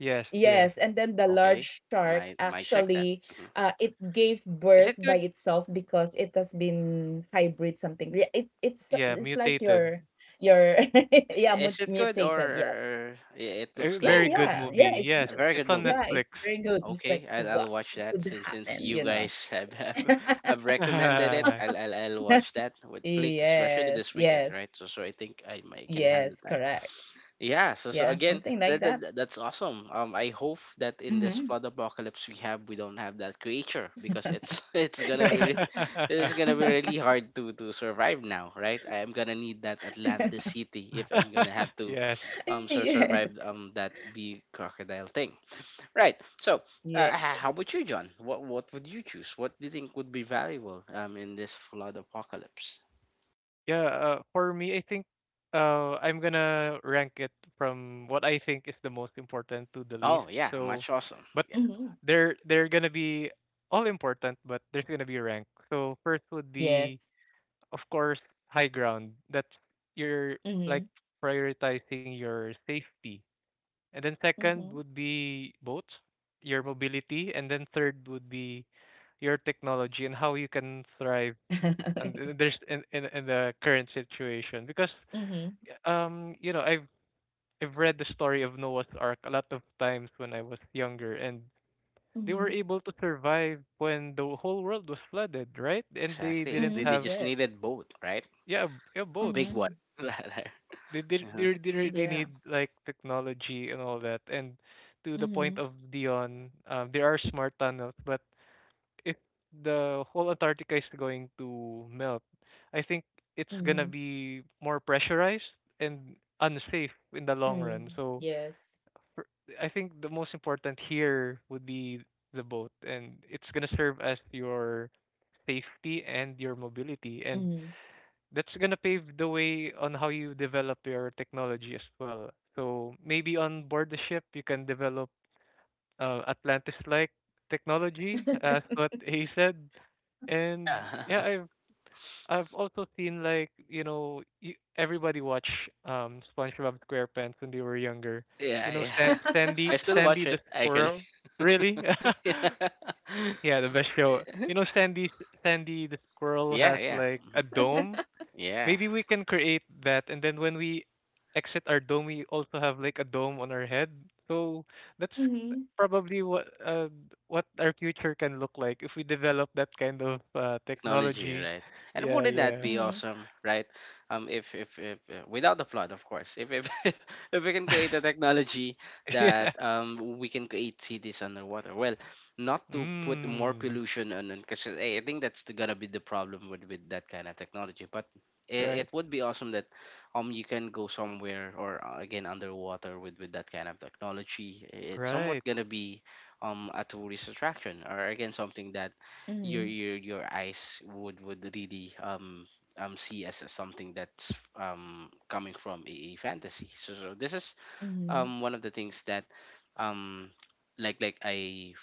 Yes. yes, and then the Okay, large shark might check that. actually Mhm. It gave Is birth it by good? itself because it has been hybrid something. Yeah, it it's Yeah, it's like mutated. Your yeah Is it good mutated. Yeah. or it A looks Yeah, very like good yeah. Yeah, movie. it's Yes, a good. very good it's on Yeah, movie? Netflix. it's very good. It's like Okay, what I'll watch it that could since happen, you you know. guys have, have recommended it. I'll watch that with Flick, especially Yes, this weekend, yes, right? So so I think I might can have the yes, time. correct. Yeah, so so Yeah, again, something that, like that. That's awesome. I hope that in this Mm-hmm. flood apocalypse we have, we don't have that creature because it's it's gonna be Yes. it's gonna be really hard to survive now, right? I am gonna need that Atlantis city if I'm gonna have to Yes. Survive Yes. That big crocodile thing, right? So, Yeah. How about you, John? What would you choose? What do you think would be valuable in this flood apocalypse? Yeah, for me, I think I'm gonna rank it from what I think is the most important to the Oh least. yeah, So, much awesome. but Yeah, Mhm. they're gonna be all important, but there's gonna be a rank. So first would be Yes. of course, high ground. That's you're like Mhm. prioritizing your safety. And then second would Mhm. be boats, your mobility, and then third would be your technology and how you can thrive and there's in the current situation because Mhm. You know I've read the story of Noah's Ark a lot of times when I was younger and they were Mhm. able to survive when the whole world was flooded, right? And they exactly. didn't They have Mhm. just Yes. needed both, right? yeah, yeah A boats. big one Mhm. rather. They did they Uh-huh. really need Yeah. like technology and all that and to the point of Mhm. Dion there are smart tunnels but if the whole Antarctica is going to melt I think it's gonna Mhm. be more pressurized and unsafe in the long run Mhm. so Yes. for- I think the most important here would be the boat and it's gonna serve as your safety and your mobility and Mhm. that's gonna pave the way on how you develop your technology as well. So maybe on board the ship you can develop Atlantis-like technology, as what he said. And yeah, Yeah, I've also seen like you know you, everybody watch SpongeBob SquarePants when they were younger. yeah, You know yeah. San- I Sandy still watch Sandy it the actually. squirrel. Really? yeah, the best show. You know Sandy the squirrel yeah, has yeah, like a dome yeah. Maybe we can create that, and then when we exit our dome, we also have like a dome on our head. So that's Mhm. probably what our future can look like if we develop that kind of Technology, technology. right? And Yeah, wouldn't that yeah, be Mhm. awesome, right? If if without the flood, of course, if if we can create a technology that yeah. We can create cities underwater, well, not to put more Mm, pollution on, because I think that's the, gonna be the problem with that kind of technology, but it, right, it would be awesome that you can go somewhere, or again, underwater, with that kind of technology. It's right. somewhat gonna be a tourist attraction, or again, something that Mhm. Your eyes would really see as something that's coming from a fantasy. So, so this is Mhm. One of the things that um I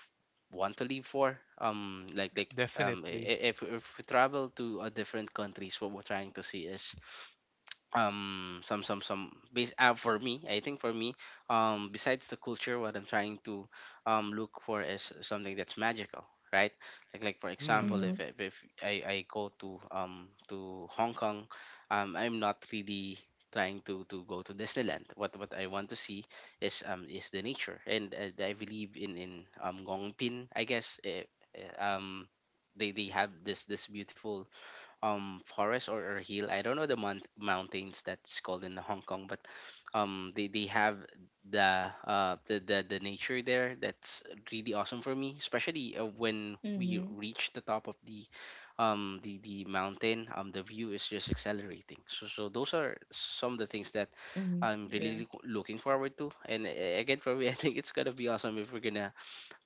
want to live for, Definitely. If we travel to a different countries, what we're trying to see is some some base. For me, I think for me besides the culture, what I'm trying to look for is something that's magical, right? Like, for example, Mm, if Mhm. if I I go to Hong Kong, I'm not really trying to go to Disneyland. What I want to see is the nature, and, I believe in Gongpin, I guess, eh, um they have this this beautiful forest or hill, I don't know the mountains that's called in Hong Kong, but they have the the nature there that's really awesome for me, Mhm. especially when we reach the top of the the mountain. The view is just accelerating. So so those are Mhm. some of the things Yeah. that I'm really looking forward to. And again, for me, I think it's gonna be awesome if we're gonna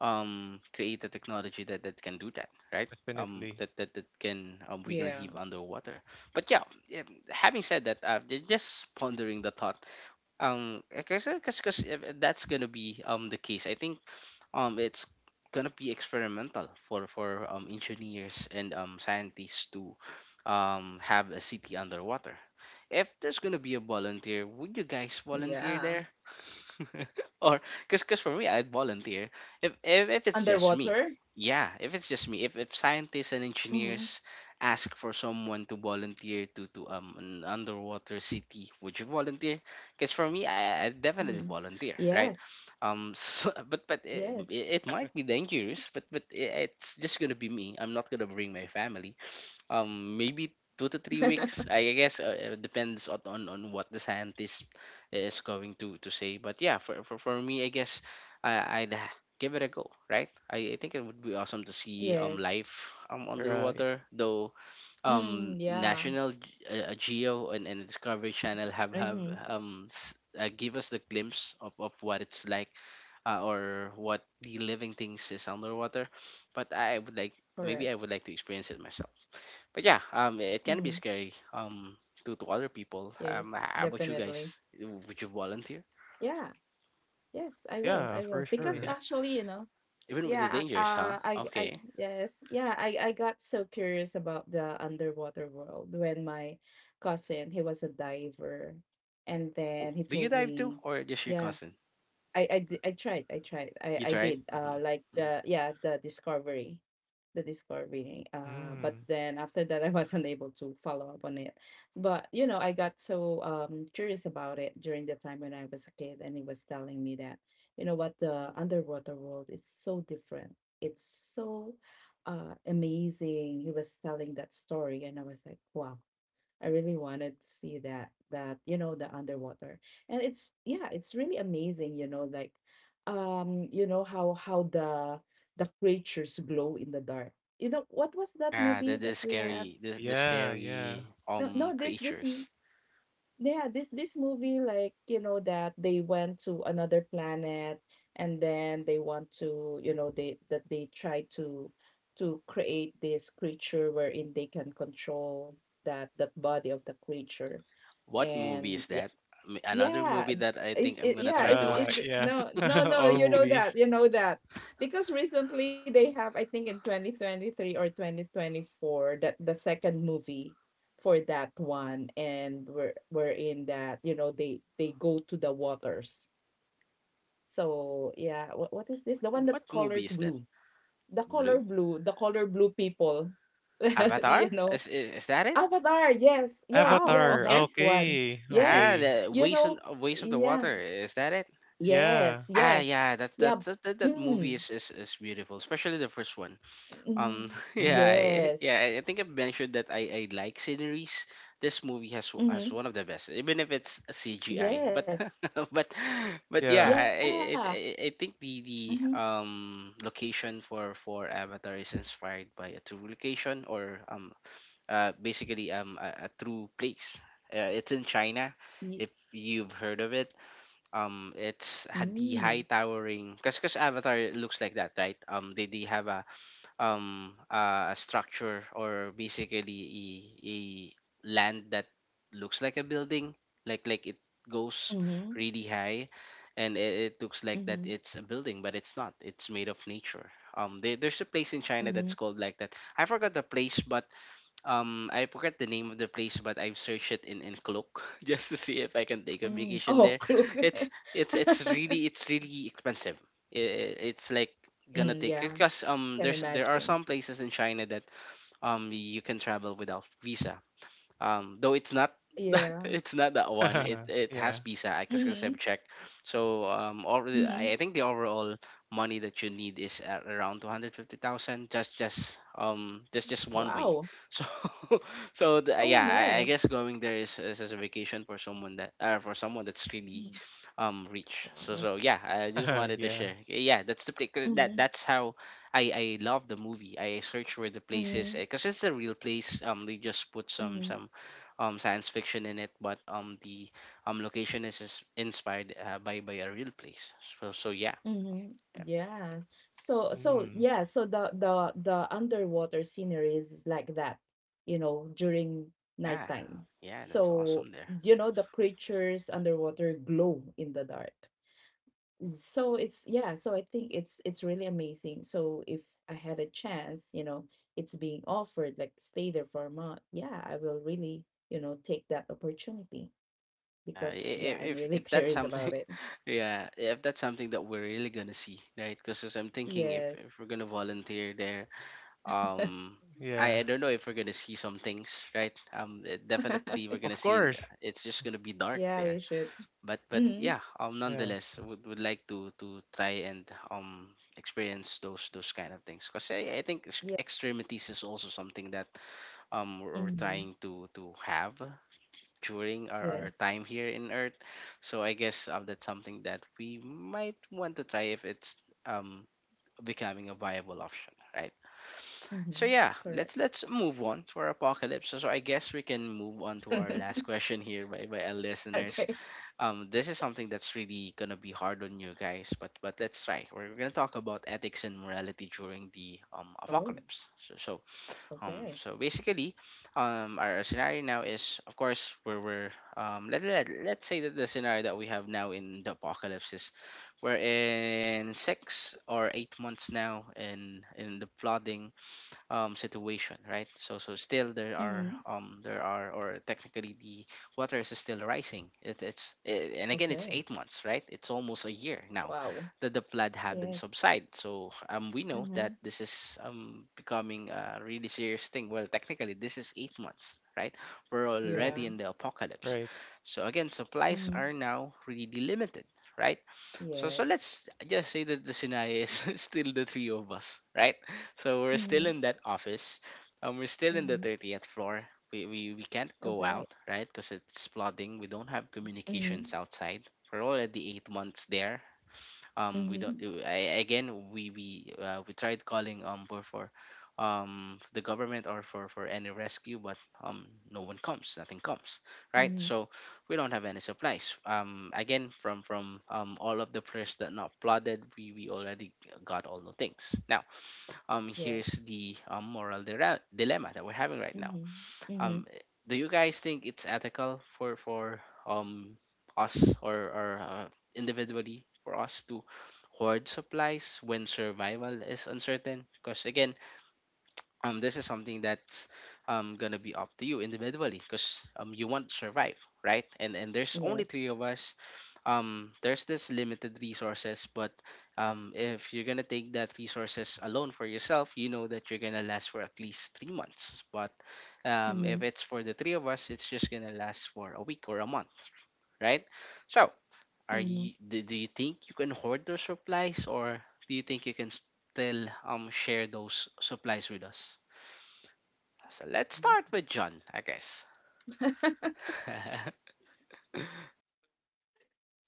create a technology that that can do that, right? Definitely. That that Yeah. can we can live underwater. But yeah, yeah, having said that, just pondering the thought, because that's gonna be the case, I think. It's gonna be experimental for engineers and scientists to have a city underwater. If there's gonna be a volunteer, Yeah. would you guys volunteer there? Or, cause for me I'd volunteer. Underwater. If it's just me. Yeah, if it's just me. If Mhm. scientists and engineers ask for someone to volunteer to an underwater city, would you volunteer? Because for me Mhm. I definitely Yes. volunteer, right? Um, so, Yes. but it, it might be dangerous, but it's just gonna be me. I'm not gonna bring my family maybe two to three weeks I guess. It depends on what the scientist is going to say. But yeah, for me, I guess I'd give it a go, right? I think it would be awesome to see Yes. Life Right. underwater though. Mm, um yeah. national G- uh, uh, Geo and Discovery Channel Mhm. have give us the glimpse of what it's like, or what the living things is underwater, but I would like, Correct. maybe I would like to experience it myself. But yeah, it can be Mhm. scary to other people. Yes. How about you Definitely. guys? Would you volunteer? Yeah. Yes, I will. I Yeah, will. for Because Yeah, sure. actually, you know, even with the yeah, dangers, huh? Okay. yes, yeah, I got so curious about the underwater world when my cousin, he was a diver, and Ooh, then he do you told dive too, me, or just your yeah, cousin? I tried. I tried. You I tried? did. Like Hmm. the yeah, the discovery. But Mm, then after that, I wasn't able to follow up on it. But you know, I got so curious about it during the time when I was a kid, and he was telling me that you know what, the underwater world is so different. It's so amazing. He was telling that story, and I was like, wow, I really wanted to see that, that you know the underwater, and it's yeah, it's really amazing, you know, like you know how the creatures glow in the dark. You know what was that Yeah, movie the that we have? scary, the yeah. scary no, no this this creatures. yeah, this movie, like, you know, that they went to another planet, and then they want to, you know, they that they try to create this creature wherein they can control that, that body of the creature. What movie And is yeah, that? Another yeah, movie that I think is I'm it gonna yeah, try to is watch. the Yeah. no, no, no, All you know movies. that, you know that. Because recently they have, I think in 2023 or 2024, that the second movie for that one, and we're in that, you know, they go to the waters. So, yeah, what is this? The one that What movie colors is that? blue. The Blue. color blue, the color blue people. Avatar? You know, Is that it? Avatar, yes, yes, Oh, yes, Avatar, okay. that's one. okay, Ah, Yes. okay. the You ways on, know, ways of the yeah. water. Is that it? Yeah. Yes, Ah, yes. yeah, that's Yeah. That that movie Mm. Is beautiful, especially the first one. Um, Mhm. yeah, Mm, Yes. yeah, I think I've mentioned that I like sceneries. This movie has has Mhm. one of the best, even if it's a CGI. But Yes. but but yeah, yeah. Yeah. I I I think Mhm. the location for Avatar is inspired by a true location or basically a true place. It's in China, Ye if you've heard of it. It's had mm. the high towering because Avatar looks like that, right? They have a structure, or basically a land that looks like a building, like it goes Mhm. really high, and it looks like that Mhm. it's a building but it's not, it's made of nature. There's a place in China Mhm. that's called like that. I forgot the place, but I forgot the name of the place, but I've searched it in Klook just to see if I can take a Mm. vacation Oh, there. look. It's really, it's really expensive. It's like gonna Mm, take, yeah, because can there are imagine. some places in China that you can travel without visa, though it's not, Yeah. it's not that one. it it has Yeah. visa, I because Mhm. I've checked. So already, I, Mhm. I think the overall money that you need is at around 250,000, just one way. Wow. So Oh, yeah, I no. guess going there is as a vacation for someone that for someone that's really Mhm. Rich. so Wow. so yeah, I just wanted to Yeah. share. Okay, yeah, that's the Mhm. that's how I love the movie. I search where the place is Mhm. because it's a real place. They just put some Mhm. Science fiction in it, but the location is inspired by a real place. So yeah, Mm-hmm. yeah, Yeah. So so Mm, yeah, so the underwater scenery is like that, you know, during yeah, nighttime. yeah, that's So, awesome there. you know, the creatures underwater glow in the dark. So it's yeah, so I think it's really amazing. So if I had a chance, you know, it's being offered like stay there for a month. Yeah, I will really, you know, take that opportunity Yeah, because yeah, I'm if really that's curious something, about it. yeah, if that's something that we're really gonna see, right? Because I'm thinking, if Yes. we're gonna volunteer there, um, I yeah. I don't know if we're gonna see some things, right? Definitely we're Of gonna see, in, course. it's just gonna be dark Yeah, there, we should. but Mm-hmm. yeah, Yeah. nonetheless, would like to try and experience those kind of things, because I think Yeah. Extremities is also something that we're Mm-hmm. trying to have during our Yes. time here in Earth. So I guess that's something that we might want to try if it's um becoming a viable option, right? So Mm-hmm. yeah, Correct. let's move on to our apocalypse. So I guess we can move on to our last question here by our listeners. Okay. This is something that's really gonna be hard on you guys, but let's try. We're gonna talk about ethics and morality during the Oh, apocalypse. So okay. so basically our scenario now is, of course, where we're let's say that the scenario that we have now in the apocalypse is we're in 6 or 8 months now in the flooding situation, right? So still Mm-hmm. There are or technically the water is still rising. It's eh, and again, it's Okay. 8 months, right? It's almost a year now Wow. that the flood haven't Yes. subsided. So we know Mm-hmm. that this is becoming a really serious thing. Well, technically this is 8 months, right? We're already Mm, Yeah. in the apocalypse. right. So again, supplies are Mm-hmm. now really limited, right? So Yes. let's just say that the scenario is still the three of us, right? So we're still Mm-hmm. in that office. We're still in the Mm-hmm. 30th floor. We can't go Okay. out, right? Because it's flooding. We don't have Mm-hmm. communications outside. We're already 8 months there. We don't. Mm-hmm. Again, we tried calling for the government or for any rescue, but no one comes. Nothing comes, right? Mm-hmm. So we don't have any supplies. Again, from all of the prayers that not flooded, we already got all the things now. Here's Yes. the moral dilemma that we're having right now. Mm-hmm. Mm-hmm. Um, do you guys think it's ethical for um us, or individually, for us to hoard supplies when survival is uncertain? Because again, this is something that's gonna be up to you individually, because you want to survive, right? And there's only Yes. three of us. There's this limited resources, but if you're gonna take that resources alone for yourself, you know that you're gonna last for at least 3 months. But Mm-hmm. if it's for the three of us, it's just gonna last for a week or a month, right? So, are Mm-hmm. you, do you think you can hoard those supplies, or do you think you can still share those supplies with us? So let's start Mhm. with John, I guess.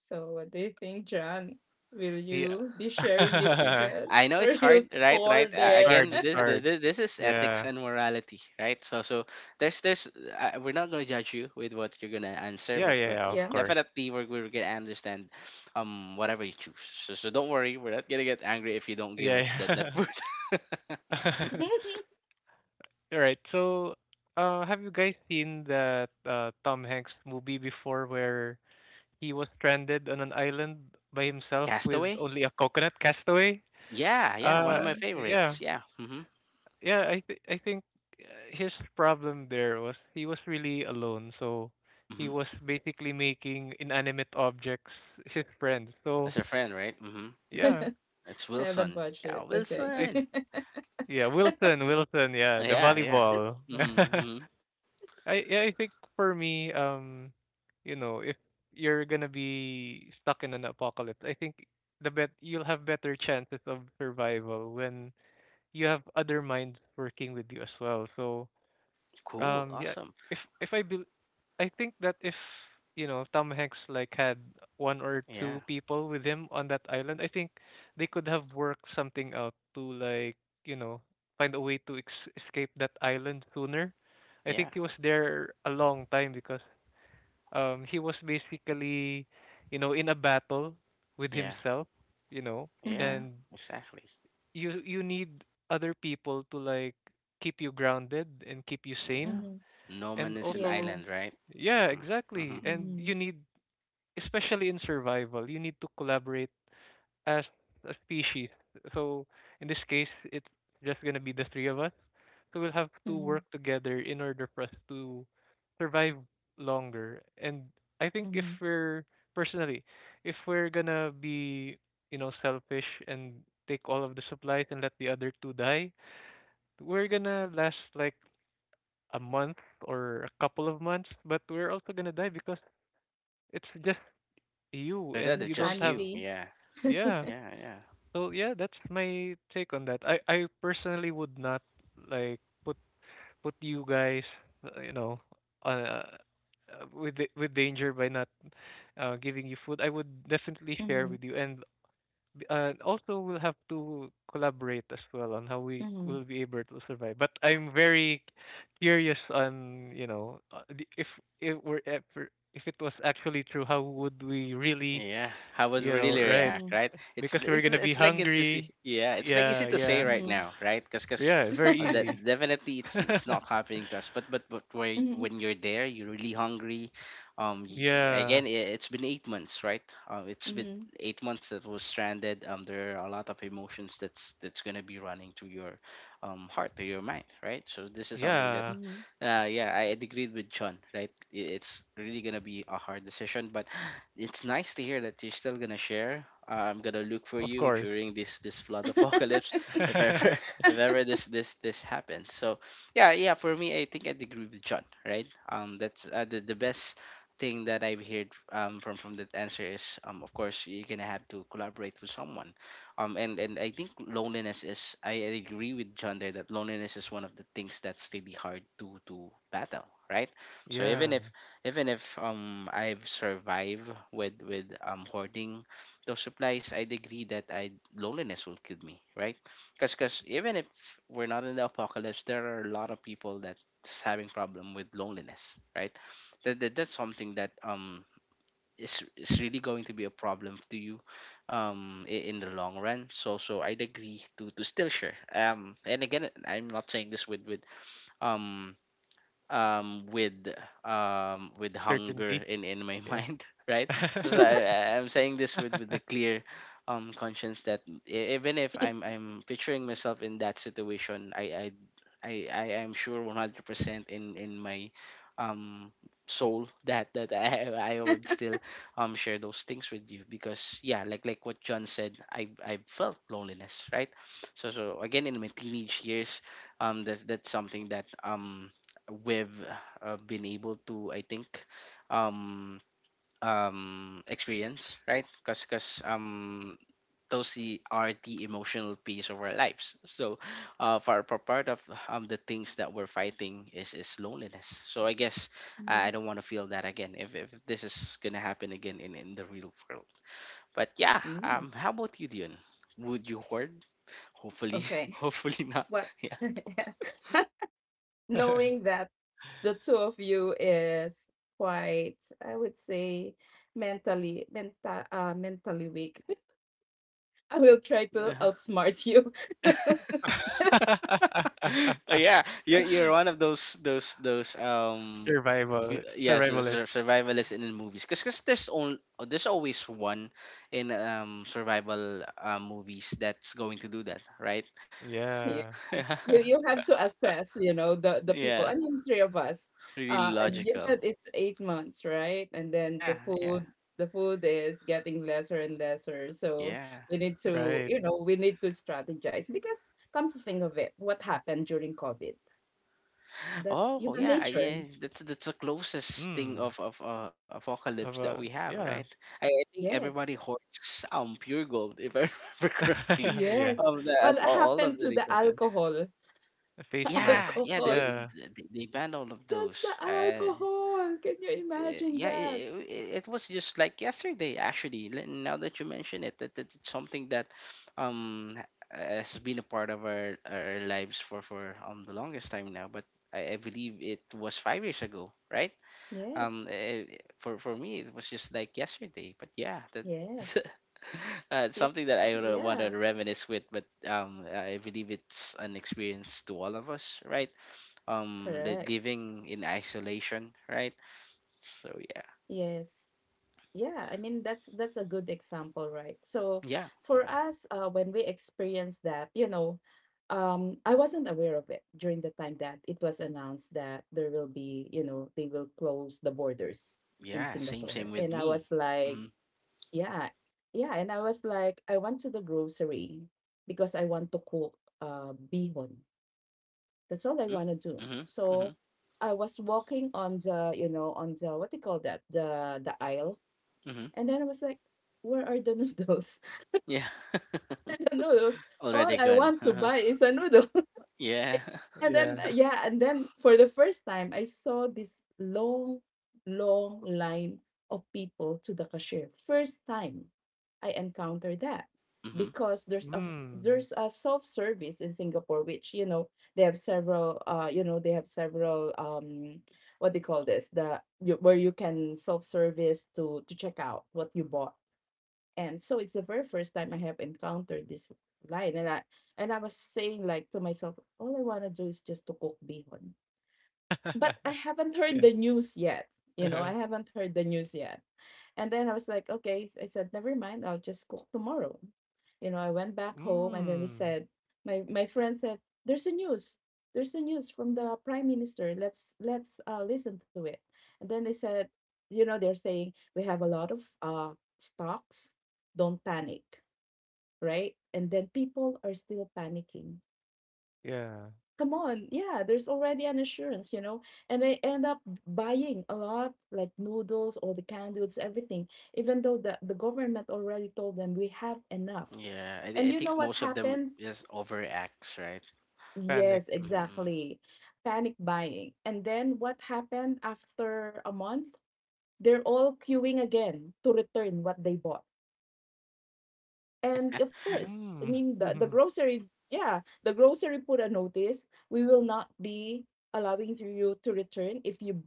So, what do you think, John? Will Yeah. you be sharing it with us I know or it's you'll hard, right? Right. hoard It's it? hard, Again, it's hard. This is ethics Yeah. and morality, right? So so there's we're not gonna judge you with what you're gonna answer, Yeah, but yeah, yeah, of Yeah. course. definitely we're gonna understand, whatever you choose. So don't worry, we're not gonna get angry if you don't give Yeah. us that yeah. word. All right. So, have you guys seen that Tom Hanks movie before where He was stranded on an island by himself with Castaway. only a coconut castaway. Yeah, yeah, one of my Mhm. Yeah, favorites. Yeah. Mm-hmm. yeah. I think uh, his problem there was he was really alone, so he Mm-hmm. was basically making inanimate objects his friends. So That's her friend, right? Mm-hmm. yeah, It's Haven't Wilson. watched it. Yeah, Okay. I Wilson. th- yeah Wilson yeah the Yeah, yeah. volleyball. Mm-hmm, mm-hmm. I yeah, I think for me, you know, if you're gonna be stuck in an apocalypse, I think the bet you'll have better chances of survival when you have other minds working with you as well. So Cool. Awesome. yeah. If I bel I think that if you know Tom Hanks like had one or Yeah. two people with him on that island, I think they could have worked something out to like you know find a way to escape that island sooner. I Yeah. think he was there a long time because he was basically you know in a battle with Yeah. himself, you know, Yeah, Mhm, and exactly. you need other people to like keep you grounded and keep you Yeah. sane mhm. No man and is an Yeah. also island, right? yeah Hmm, hmm. exactly and you Mhm, need especially in survival you need to collaborate as a species so in this case it's just going to be the three of us so we'll have to work mhm, together in order for us to survive longer and I think if mhm. we're personally if we're going to be you know selfish and take all of the supplies and let the other two die we're going to last like a month or a couple of months, but we're also gonna die because it's just you After that, and The it's you don't just have you. sanity. Yeah. yeah. Yeah. Yeah. So yeah, that's my take on that. I personally would not like put you guys, uh, you know, uh, uh, with with danger by not giving you food. I would definitely share Mhm, with you and also, we'll have to collaborate as well on how we will mhm, be able to survive. But I'm very curious on you know if we're ever if it was actually true, how would we really Yeah, how would we you know really right? react, mhm, right? It's Because we're it's, gonna be it's like it's easy. hungry. Yeah, it's like easy Yeah, to say yeah, right mhm, now, right? Because yeah. mhm. Very Mhm, that easy. mhm, definitely it's not happening to us. But where, when you're there, you're really hungry. Yeah, Again, it's been 8 months, right? It's been 8 months that was stranded. There are a lot of emotions that's gonna be running to your heart, to your mind, right? So this is something yeah. that's, mhm. Yeah, I agreed with John, right? It's really gonna be a hard decision, but it's nice to hear that you're still gonna share. I'm gonna look for Of you course. during this flood apocalypse, if ever, if ever this happens. So yeah, yeah. For me, I think I'd agree with John. Right. That's the best thing that I've heard from that answer is, um, of course you're gonna have to collaborate with someone. And I think loneliness is, I agree with John there that loneliness is one of the things that's really hard to battle. Right. So even yeah, if, even if I've survived with hoarding those supplies, I'd agree that I loneliness will kill me, right? Because even if we're not in the apocalypse, there are a lot of people that's having problem with loneliness, right? That's something that is really going to be a problem to you, um, in the long run. So I'd agree to still share. Um, and again, I'm not saying this with um um with with hunger certainty. in my Yeah. mind, right? So, I'm saying this with the clear conscience that even if Yeah. I'm picturing myself in that situation, I am sure 100% in my um soul that I would still share those things with you. Because yeah, like what John said, I felt loneliness, right? So again, in my teenage years, that's something that we've been able to, I think, um experience, right? Because those are the emotional piece of our lives. So for part of the things that we're fighting is loneliness. So I guess I Mhm. don't want to feel that again, if this is gonna happen again in the real world. But yeah, Mm. How about you, Dion? Would you hoard? Hopefully, Okay. hopefully not. What? Knowing that the two of you is quite, I would say, mentally weak. I will try to Yeah. outsmart you. Oh, yeah, you're one of those Survival yeah, so, survivalist. so survivalists in the movies, because cause 'cause there's only, there's always one in survival movies that's going to do that, right? Yeah. Yeah, You you have to assess, you know, the people. Yeah, I mean, three of us. really And you logical. said it's 8 months, right? And then the Yeah, yeah, food, the food is getting lesser and lesser. So yeah. we need to, right. you know, we need to strategize because come to think of it, what happened during COVID? That's Oh human yeah, nature. yeah, that's the closest thing Mm. of apocalypse Of that a we have, yeah. right? I think Yes. everybody hoards pure gold, if I remember correctly, Yeah. Yes. of the, of What all of happened the to the resources. alcohol? A face mask. Yeah, yeah, Alcohol. Yeah. They banned all of Just the those. Alcohol. Can you imagine Yeah, that? It was just like yesterday, actually. Now that you mention it, that it's something that um ha- has been a part of our lives for the longest time now. But I believe it was 5 years ago, right? Yes. For me, it was just like yesterday. But yeah, that. Yes. It's something Y- that I want to Yeah. reminisce with, but, I believe it's an experience to all of us, right? Um, the Correct. living in isolation, right? So yeah, Yes. Yeah, I mean that's a good example, right? So yeah, for us, when we experienced that, you know, I wasn't aware of it during the time that it was announced that there will be, you know, they will close the borders in yeah. Same, Singapore, same and with I was me. like, Mm-hmm. yeah, yeah, and I was like, I went to the grocery because I want to cook bihon. That's all I Mm-hmm. want to do. Mm-hmm. So Mm-hmm. I was walking on the, you know, on the what do you call that? The aisle. Mm-hmm. And then I was like, where are the noodles? Yeah, The noodles. All already I gone. want to Uh-huh. buy is a noodle. It, Yeah. and then, Yeah. Yeah, and then for the first time, I saw this long, long line of people to the cashier. First time I encountered that Mm-hmm. because there's a, Mm. there's a self-service in Singapore, which you know they have several, you know they have several what they call this, the you, where you can self-service to check out what you bought. And so it's the very first time I have encountered this line. And I was saying like to myself, all I wanna do is just to cook bihon. But I haven't heard Yeah. the news yet. You know, I haven't heard the news yet. And then I was like, okay. I said, never mind. I'll just cook tomorrow. You know, I went back home, and then they Mm. said, my friend said, there's a news. There's a news from the prime minister. Let's listen to it. And then they said, you know, they're saying we have a lot of stocks. Don't panic, right? And then people are still panicking, Yeah. come on, yeah, there's already an assurance, you know. And I end up buying a lot, like noodles, all the candles, everything, even though the government already told them we have enough. Yeah. And I you know think what most of them happened? just overacts, right? Panic. Yes, Mm-hmm. exactly. Panic buying. And then what happened after a month? They're all queuing again to return what they bought. And of course, I Mm. mean the grocery, yeah, the grocery put a notice. We will not be allowing to you to return if you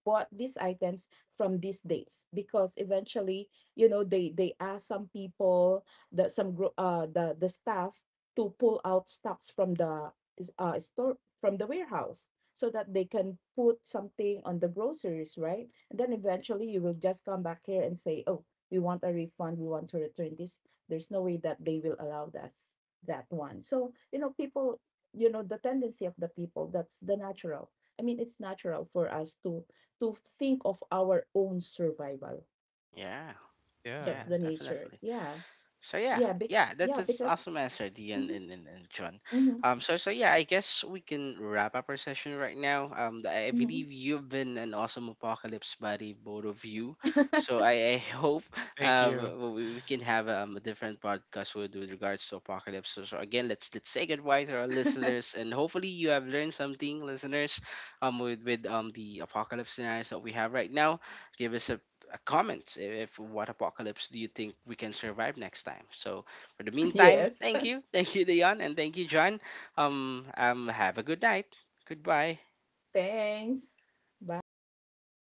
bought these items from these dates, because eventually, you know, they ask some people, the some the staff to pull out stocks from the store from the warehouse, so that they can put something on the groceries, right? And then eventually you will just come back here and say, "Oh, we want a refund, we want to return this." There's no way that they will allow us that one. So you know people, you know the tendency of the people, that's the natural. I mean it's natural for us to think of our own survival. Yeah. Yeah. Yeah. That's the nature. Definitely. Yeah. So yeah, yeah, that's an because awesome answer, Dion, and, Mhm, and John. mhm, So yeah, I guess we can wrap up our session right now. I mhm. believe you've been an awesome apocalypse buddy, both of you. So I hope Thank you. We can have a different podcast with regards to apocalypse. So, so again, let's say goodbye to our listeners, and hopefully you have learned something, listeners, with the apocalypse scenarios that we have right now. Give us a comments, if what apocalypse do you think we can survive next time. So for the meantime, Yes. thank you, thank you, Dion, and thank you, John. Have a good night. Goodbye. Thanks. Bye.